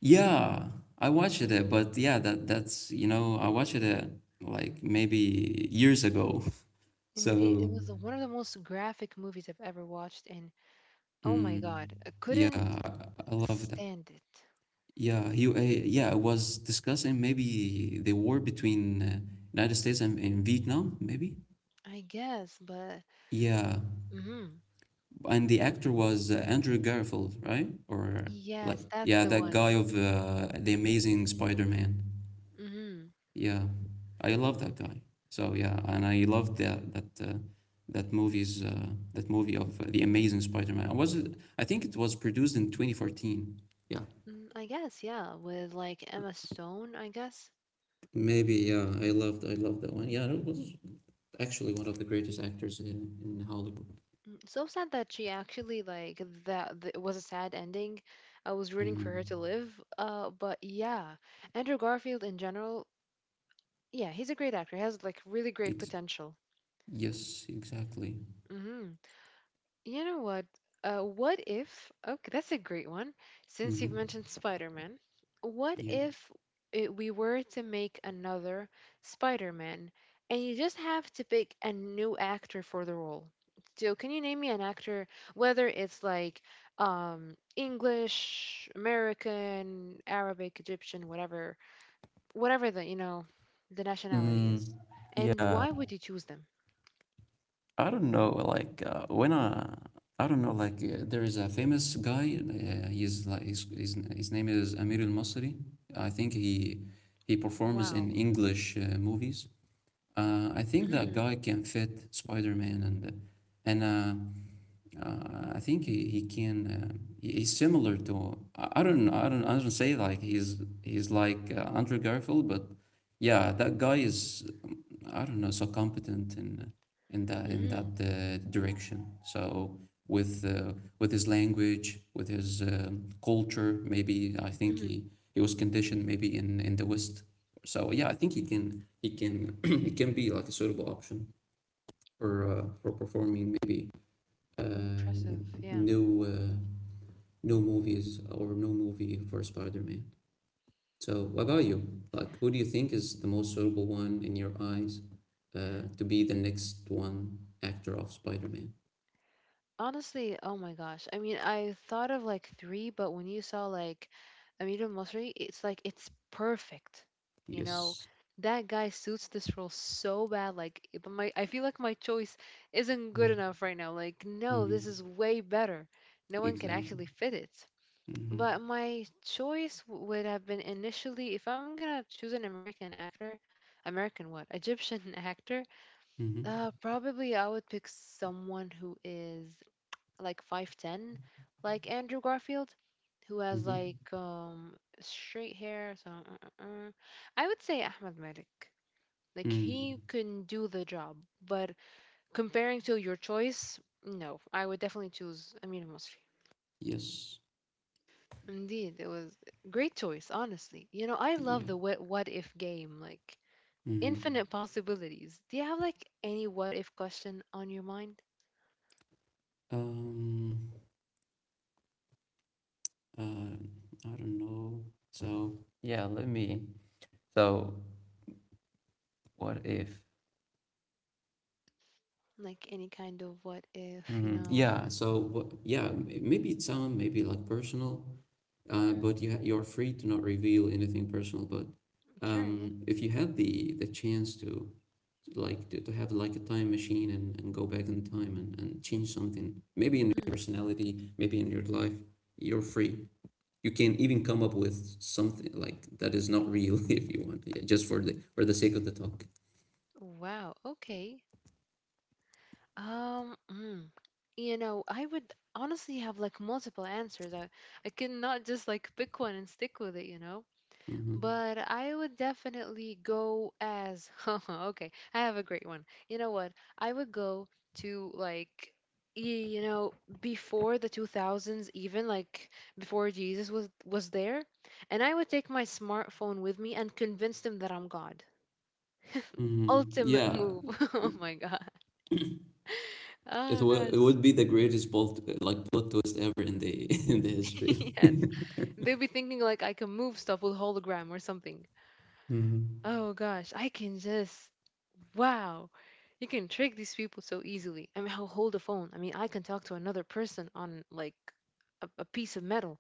A: Yeah, I watched it, but yeah, that that's, you know, I watched it uh, like maybe years ago.
B: Indeed, it
A: So
B: was one of the most graphic movies I've ever watched, and oh my
A: mm,
B: God, I
A: yeah,
B: couldn't
A: I, I love that.
B: stand it.
A: Yeah, he uh, yeah, I was discussing maybe the war between uh, United States and, and Vietnam maybe.
B: I guess, but,
A: Yeah,
B: mm-hmm.
A: and the actor was uh, Andrew Garfield, right? Or like
B: Yes, that's
A: yeah,
B: the
A: that guy
B: one.
A: of uh, the Amazing Spider-Man.
B: Mm-hmm.
A: Yeah, I love that guy. So yeah, and I loved that that uh, that movie's uh, that movie of uh, the Amazing Spider-Man. I was, I think it was produced in twenty fourteen. Yeah,
B: Mm, I guess, yeah, with like Emma Stone, I guess.
A: maybe. Yeah, I loved I loved that one. Yeah, it was actually one of the greatest actors in in Hollywood.
B: Mm, So sad that she actually like that, th- it was a sad ending. I was rooting for
A: Hmm.
B: her to live. Uh, but yeah, Andrew Garfield in general, yeah, he's a great actor. He has like really great
A: Ex-
B: potential.
A: yes, exactly.
B: Mm-hmm. You know what? Uh, what if? Okay, that's a great one. Since you've
A: Hmm.
B: mentioned Spider-Man, what
A: Yeah.
B: if it, we were to make another Spider-Man, and you just have to pick a new actor for the role? So, can you name me an actor, whether it's like um, English, American, Arabic, Egyptian, whatever, whatever the you know the nationality is,
A: Mm,
B: and
A: yeah,
B: why would you choose them?
A: I don't know, like uh, when I, I don't know, like, uh, there is a famous guy. Uh, he's like his, his his name is Amir Al Masri. I think he he performs in
B: Wow.
A: English uh, movies. Uh, I think that
B: hmm
A: guy can fit Spider-Man and and uh, uh, I think he, he can uh, he- he's similar to, I I don't I don't I don't say like he's he's like uh, Andrew Garfield, but yeah, that guy is um, I don't know, so competent in in that in that
B: hmm
A: uh, direction. So with uh, with his language, with his um culture, maybe, I think he
B: hmm
A: he was conditioned maybe in in the West. So yeah, I think he can he can he can be like a suitable option for uh, for performing maybe uh
B: Impressive, yeah.
A: new uh, new movies or no movie for Spider-Man. So what about you? Like, who do you think is the most suitable one in your eyes uh, to be the next one actor of Spider-Man?
B: Honestly, oh my gosh. I mean, I thought of like three, but when you saw like Amir al, it's like it's perfect. You know,
A: Yes.
B: that guy suits this role so bad. Like, it- my I feel like my choice isn't good enough right now. Like, no, this
A: Mm-hmm.
B: is way better. No one can
A: Exactly.
B: actually fit it.
A: Mm-hmm.
B: But my choice w- would have been initially, if I'm gonna choose an American actor, American what? Egyptian actor,
A: Mm-hmm.
B: Uh, probably I would pick someone who is like five'ten, like Andrew Garfield, who has
A: Mm-hmm.
B: like um straight hair. So uh, uh, uh. I would say Ahmed Malik. Like
A: Mm.
B: he can do the job, but comparing to your choice, no, I would definitely choose Amina Mosri.
A: Yes.
B: Indeed, it was great choice, honestly. You know, I love
A: Yeah.
B: the what, what if game, like
A: Mm-hmm.
B: infinite possibilities. Do you have like any what if question on your mind?
A: Um. Uh, I don't know. So yeah, let me. So what if?
B: Like any kind of what if, you
A: Mhm.
B: know.
A: Yeah. So what, yeah, m- maybe it's sound maybe like personal, uh,
B: Hmm.
A: but you ha- you're free to not reveal anything personal. But
B: Sure, yeah.
A: um, if you had the the chance to like to, to have like a time machine and, and go back in time and, and change something, maybe in your
B: Mhm.
A: personality, maybe in your life, you're free. You can even come up with something like that is not real if you want, yeah, just for the for the sake of the talk.
B: Wow, okay. Um, mm, you know, I would honestly have like multiple answers. I I cannot just like pick one and stick with it, you know.
A: Hmm.
B: But I would definitely go as okay. I have a great one. You know what? I would go to like y- you know before the two thousands even like before Jesus was was there, and I would take my smartphone with me and convince them that I'm God.
A: Hmm.
B: Ultimate
A: Yeah,
B: move. Oh my God.
A: it
B: Oh
A: would it
B: gosh.
A: would be the greatest bolt like plot twist ever in the in the history.
B: Yes. They'd be thinking like I can move stuff with hologram or something.
A: Hmm.
B: Oh gosh, I can just wow. You can trick these people so easily. I mean, I'll hold the phone. I mean, I can talk to another person on like a, a piece of metal.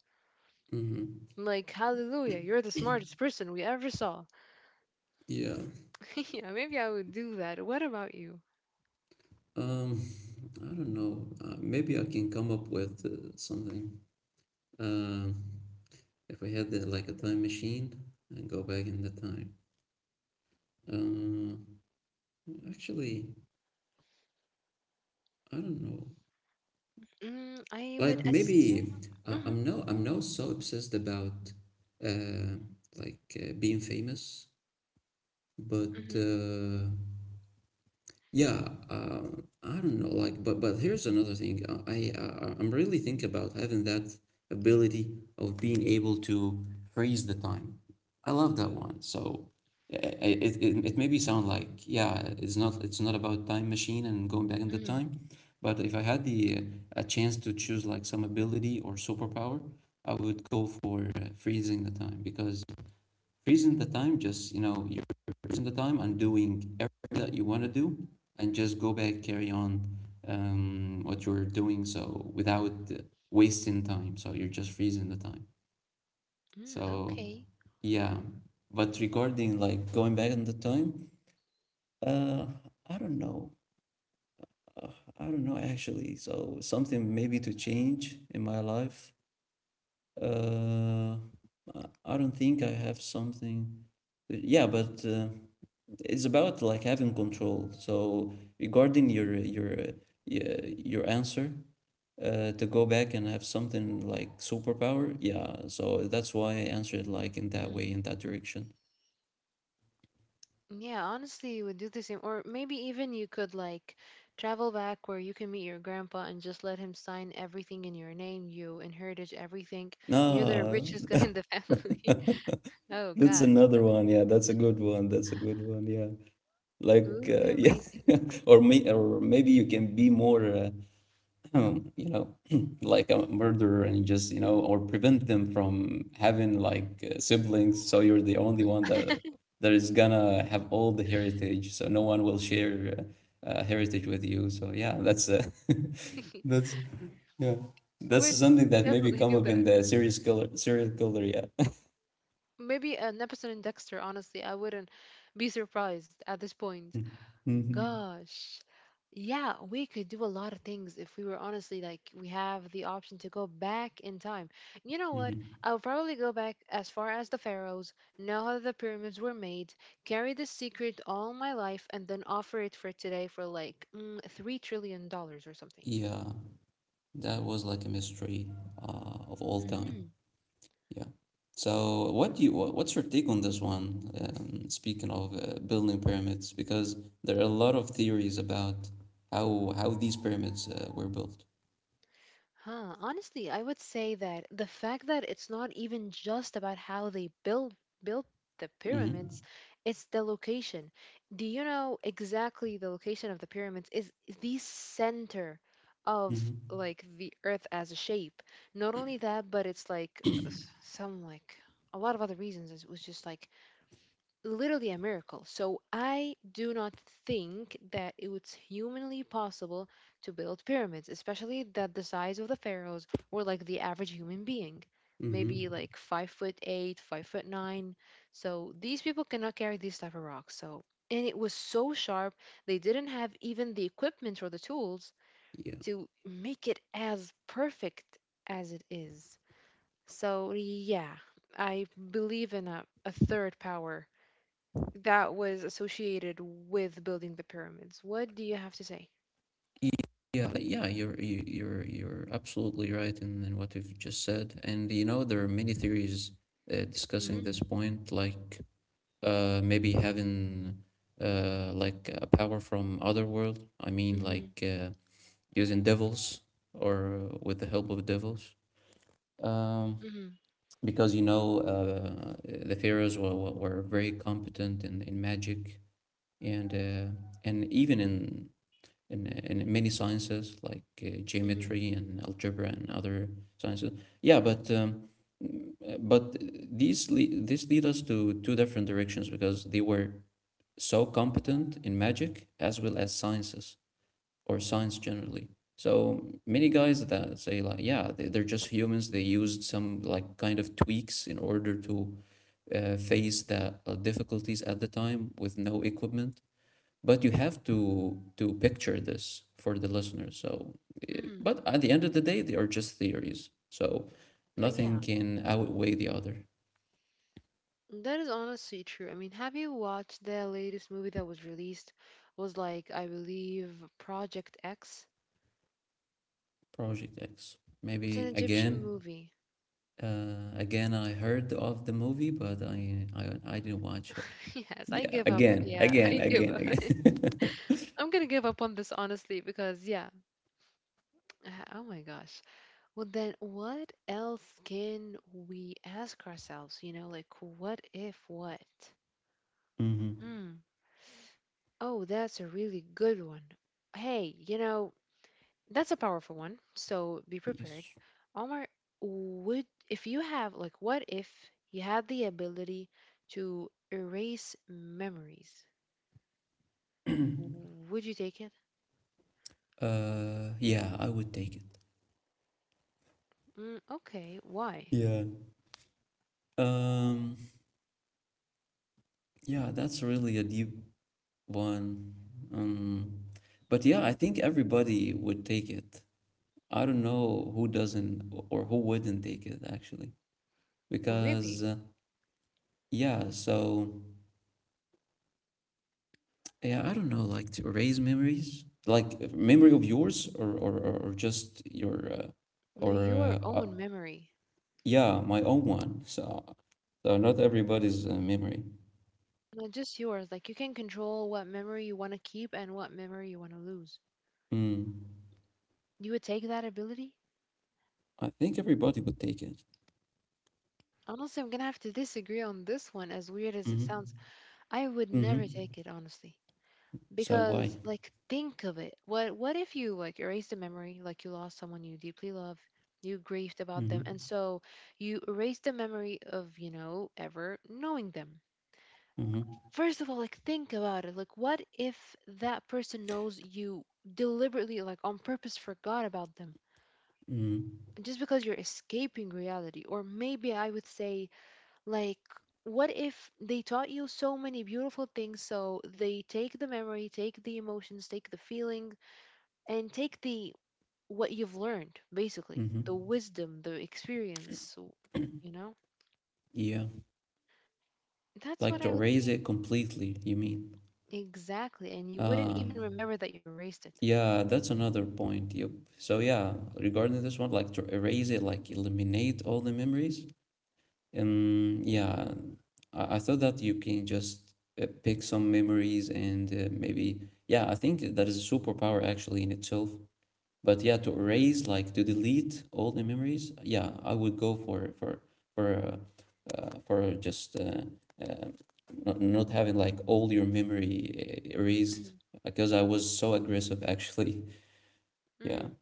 A: Hmm.
B: Like, hallelujah, you're the smartest person we ever saw.
A: Yeah.
B: Yeah, maybe I would do that. What about you?
A: um I don't know. Uh, maybe I can come up with uh, something. um if I had the, like a time machine and go back in the time, uh actually, I don't know,
B: Mm, I would
A: like
B: assume.
A: maybe, uh,
B: Mm-hmm,
A: I'm no I'm not so obsessed about uh, like uh, being famous, but
B: mm-hmm,
A: uh, yeah, um, I don't know, like, but but here's another thing. Uh, I, I I'm really thinking about having that ability of being able to freeze the time. I love that one. So i- it it, it maybe sound like yeah, it's not it's not about time machine and going back in the
B: mm-hmm,
A: time, but if I had the uh, a chance to choose like some ability or superpower, I would go for uh, freezing the time because freezing the time, just you know you're freezing the time and doing everything that you want to do and just go back, carry on um, what you're doing, so without wasting time, so you're just freezing the time.
B: mm,
A: So
B: okay.
A: yeah. But regarding like going back in the time, uh I don't know. I don't know actually, so something maybe to change in my life. uh i I don't think i have something. Yeah, but uh, it's about like having control. So regarding your your uh, your answer, uh, to go back and have something like superpower, yeah. So that's why I answered like in that way, in that direction.
B: Yeah, honestly, you would do the same. Or maybe even you could like travel back where you can meet your grandpa and just let him sign everything in your name. You inherited everything, and you're the
A: Ah,
B: richest guy in the family. Oh
A: that's
B: gosh,
A: another one. Yeah, that's a good one. That's a good one. Yeah,
B: it
A: like
B: would be
A: uh, yeah,
B: amazing.
A: or may or maybe you can be more uh, um, you know, like a murderer and you just, you know, or prevent them from having like uh, siblings. So you're the only one that that is gonna have all the heritage. So no one will share uh, uh, heritage with you. So yeah, that's uh, that's, yeah, that's
B: Would
A: something that maybe
B: definitely
A: come
B: do
A: up in
B: that.
A: the serious killer serial killer. Yeah.
B: Maybe an episode in Dexter. Honestly, I wouldn't be surprised at this point.
A: hmm
B: Gosh. Yeah, we could do a lot of things if we were honestly like we have the option to go back in time. You know what?
A: hmm
B: I'll probably go back as far as the pharaohs, know how the pyramids were made, carry this secret all my life, and then offer it for today for like mm, three trillion dollars or something.
A: Yeah, that was like a mystery uh, of all time. Yeah. So, what do you what, what's your take on this one? Um, speaking of uh, building pyramids, because there are a lot of theories about how how these pyramids uh, were built.
B: Huh. Honestly, I would say that the fact that it's not even just about how they build built the
A: Mm-hmm.
B: pyramids, it's the location. Do you know exactly the location of the pyramids is the center of
A: Mm-hmm.
B: like the earth as a shape. Not only that, but it's like s- some like a lot of other reasons. It was just like literally a miracle. So I do not think that it was humanly possible to build pyramids, especially that the size of the pharaohs were like the average human being, maybe
A: Mm-hmm.
B: like five foot eight, five foot nine. So these people cannot carry these type of rocks. So and it was so sharp they didn't have even the equipment or the tools
A: Yeah.
B: to make it as perfect as it is. So yeah, I believe in a, a third power that was associated with building the pyramids. What do you have to say?
A: Y- Yeah, like, yeah, you're you- you're you're absolutely right in, in what you've just said. And you know, there are many theories uh, discussing
B: Mm-hmm,
A: this point, like uh, maybe having uh, like a power from other world. I mean,
B: mm-hmm,
A: like uh, using devils or uh, with the help of devils. Um,
B: mm-hmm,
A: because you know uh, the pharaohs were, were, very competent in, in magic and uh, and even in, in uh, in many sciences like uh,
B: mm-hmm,
A: geometry and algebra and other sciences. Yeah but um, but These lead, this lead us to two different directions because they were so competent in magic as well as sciences, or science generally. So many guys that say like, yeah, they, they're just humans. They used some like kind of tweaks in order to uh, face the uh, difficulties at the time with no equipment. But you have to to picture this for the listeners. So, eh,
B: mm-hmm.
A: but at the end of the day, they are just theories. So
B: Uh,
A: nothing
B: Yeah,
A: can outweigh the other.
B: that is honestly true. I mean, have you watched the latest movie that was released? Was like, I believe, Project X.
A: Project X.
B: It's an
A: Maybe
B: Egyptian
A: again,
B: movie.
A: uh, again I heard of the movie, but I I, I didn't watch it.
B: Yes, I
A: Yeah,
B: give up.
A: again,
B: Yeah,
A: again,
B: I give
A: again,
B: up.
A: again.
B: I'm gonna give up on this honestly because yeah. uh, Oh my gosh. Well then what else can we ask ourselves? You know, like what if what?
A: hmm
B: Mm. Oh, that's a really good one. Hey, you know, that's a powerful one, so be prepared.
A: Yes.
B: Omar, would if you have like what if you had the ability to erase memories? Would you take it?
A: uh, yeah, I would take it.
B: Mm, okay, why?
A: Yeah. Um, yeah, that's really a deep one. Um, but yeah, I think everybody would take it. I don't know who doesn't, o- or who wouldn't take it actually, because
B: Really?
A: uh, yeah, so yeah, I don't know, like to erase memories, like uh, memory
B: Hmm.
A: of yours, or or or or just your. Uh,
B: No,
A: or
B: your
A: uh, uh,
B: own memory.
A: Yeah, my own one. So, so not everybody's uh, memory.
B: Not just yours. Like you can control what memory you want to keep and what memory you want to lose.
A: Mm.
B: You would take that ability?
A: I think everybody would take it.
B: Honestly, I'm gonna have to disagree on this one, as weird as it
A: Mm-hmm.
B: sounds. I would
A: Mm-hmm.
B: never take it honestly
A: So why?
B: because like think of it. What what if you like erase the memory like you lost someone you deeply love, you grieved about them and
A: Mm-hmm.
B: so you erase the memory of, you know, ever knowing them.
A: Mm-hmm.
B: First of all, like think about it. Like what if that person knows you deliberately like on purpose forgot about them?
A: Mm-hmm.
B: Just because you're escaping reality, or maybe I would say like, what if they taught you so many beautiful things? So they take the memory, take the emotions, take the feeling, and take the what you've learned, basically, the
A: Mm-hmm.
B: wisdom, the experience, so you know?
A: Yeah.
B: That's
A: Like
B: what
A: to
B: I would
A: erase it
B: think.
A: completely, you mean?
B: Exactly. And you wouldn't even
A: Um,
B: remember that you erased it.
A: yeah, that's another point. Yep. So yeah, regarding this one, like to erase it, like eliminate all the memories. Um, yeah, I, I thought that you can just uh, pick some memories and uh, maybe, yeah, I think that is a superpower actually in itself. But yeah, to erase, like to delete all the memories, yeah, I would go for for for uh, uh, for just uh, uh, not not having like all your memory uh, erased,
B: Mhm,
A: because I was so aggressive actually. Yeah.
B: mhm.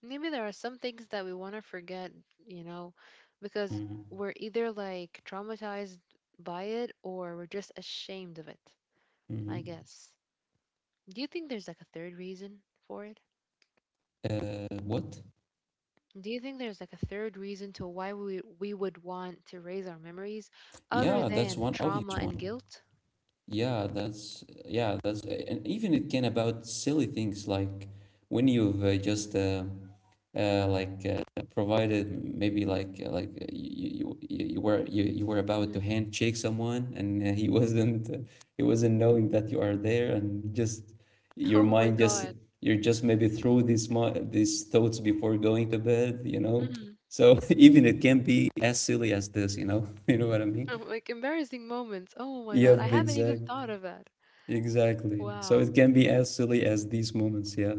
B: Maybe there are some things that we want to forget, you know, because
A: Mm-hmm.
B: we're either like traumatized by it, or we're just ashamed of it, I
A: Mm-hmm.
B: guess. Do you think there's like a third reason for it?
A: Uh, what?
B: Do you think there's like a third reason to why we we would want to raise our memories other
A: Yeah, that's
B: than
A: one
B: trauma
A: obvious
B: and
A: one.
B: guilt?
A: Yeah, that's yeah, that's, and even it can about silly things like when you've uh, just uh, uh, like uh, provided maybe like uh, like uh, you, you you you were you, you were about to
B: Mm.
A: handshake someone, and uh, he wasn't uh, he wasn't knowing that you are there, and just your
B: Oh my
A: mind just,
B: god.
A: you're just maybe through these mo these thoughts before going to bed, you know.
B: Mm.
A: So even it can be as silly as this, you know. You know what I mean?
B: Oh, like embarrassing moments. Oh my god. I
A: Yep,
B: haven't even thought
A: exactly.
B: of that.
A: Exactly. So it
B: Wow.
A: can be as silly as these moments, yeah.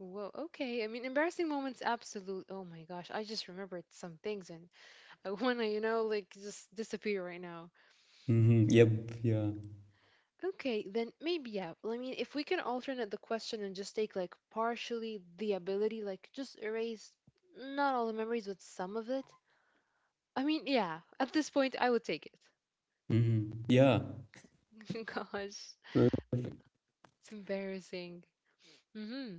B: Whoa. Okay. I mean, embarrassing moments, absolute. Oh my gosh. I just remembered some things and I want to, you know, like just disappear right now.
A: Mm-hmm. Yep, yeah.
B: Okay, then maybe yeah. I mean, if we can alternate the question and just take like partially the ability, like just erase not all the memories, but some of it. I mean, yeah. At this point, I would take
A: Mm-hmm. Yeah.
B: it. Gosh, it's
A: er,
B: embarrassing. Hmm.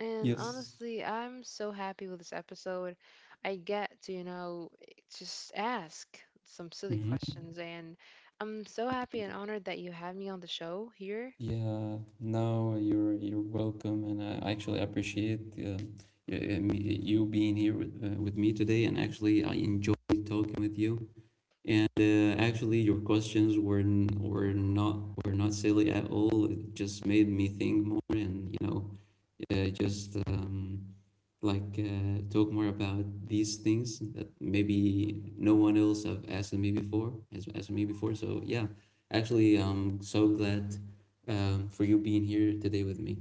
B: And
A: Yes.
B: honestly, I'm so happy with this episode. I get to, you know, just ask some silly
A: Mm-hmm.
B: questions, and I'm so happy and honored that you had me on the show here.
A: Yeah. No. You're you're welcome, and I actually appreciate uh, y- uh, me- you being here with, uh, with me today. And actually, I enjoyed talking with you. And uh, actually, your questions were n- were not were not silly at all. It just made me think more, and you know, uh, just um, like uh, talk more about these things that maybe no one else have asked me before has asked me before. So yeah, actually i'm so glad, um, for you being here today with me.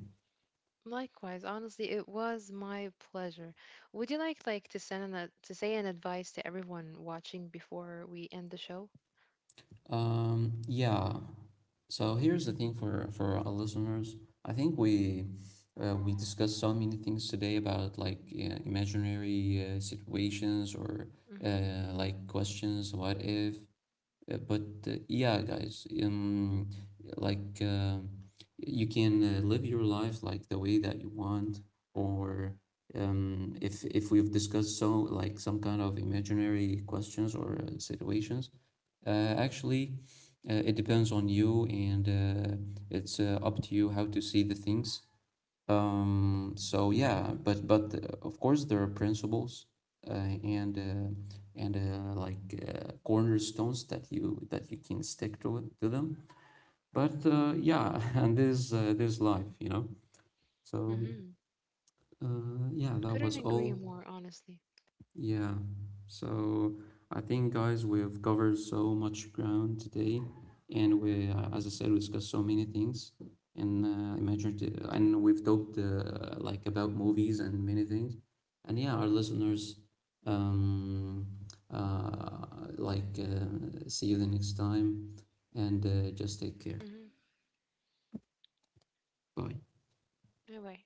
B: Likewise, honestly, it was my pleasure. Would you like like to send an, a- to say an advice to everyone watching before we end the show?
A: um, Yeah, so here's the thing. For for our listeners, I think we, uh, we discussed so many things today, about like uh, imaginary uh, situations or
B: Mm-hmm.
A: uh, like questions, what if. Uh, But uh, Yeah, guys, um, like uh, you can uh, live your life like the way that you want, or um, if if we've discussed so like some kind of imaginary questions or uh, situations, uh, actually, uh, it depends on you, and uh, it's uh, up to you how to see the things. Um, so yeah, but but uh, of course there are principles uh, and uh, and uh, like uh, cornerstones that you that you can stick to it, to them. But uh, Yeah, and this, uh, this life, you know. So
B: Mm-hmm.
A: uh, yeah, that
B: Couldn't
A: was
B: agree
A: all.
B: more, honestly.
A: Yeah, so I think, guys, we've covered so much ground today, and we, uh, as I said, we discussed so many things, and uh, imagine, and we've talked uh, like about movies and many things, and yeah, our listeners, um, uh, like, uh, see you the next time, and uh, just take care.
B: Mm-hmm.
A: Bye.
B: All right.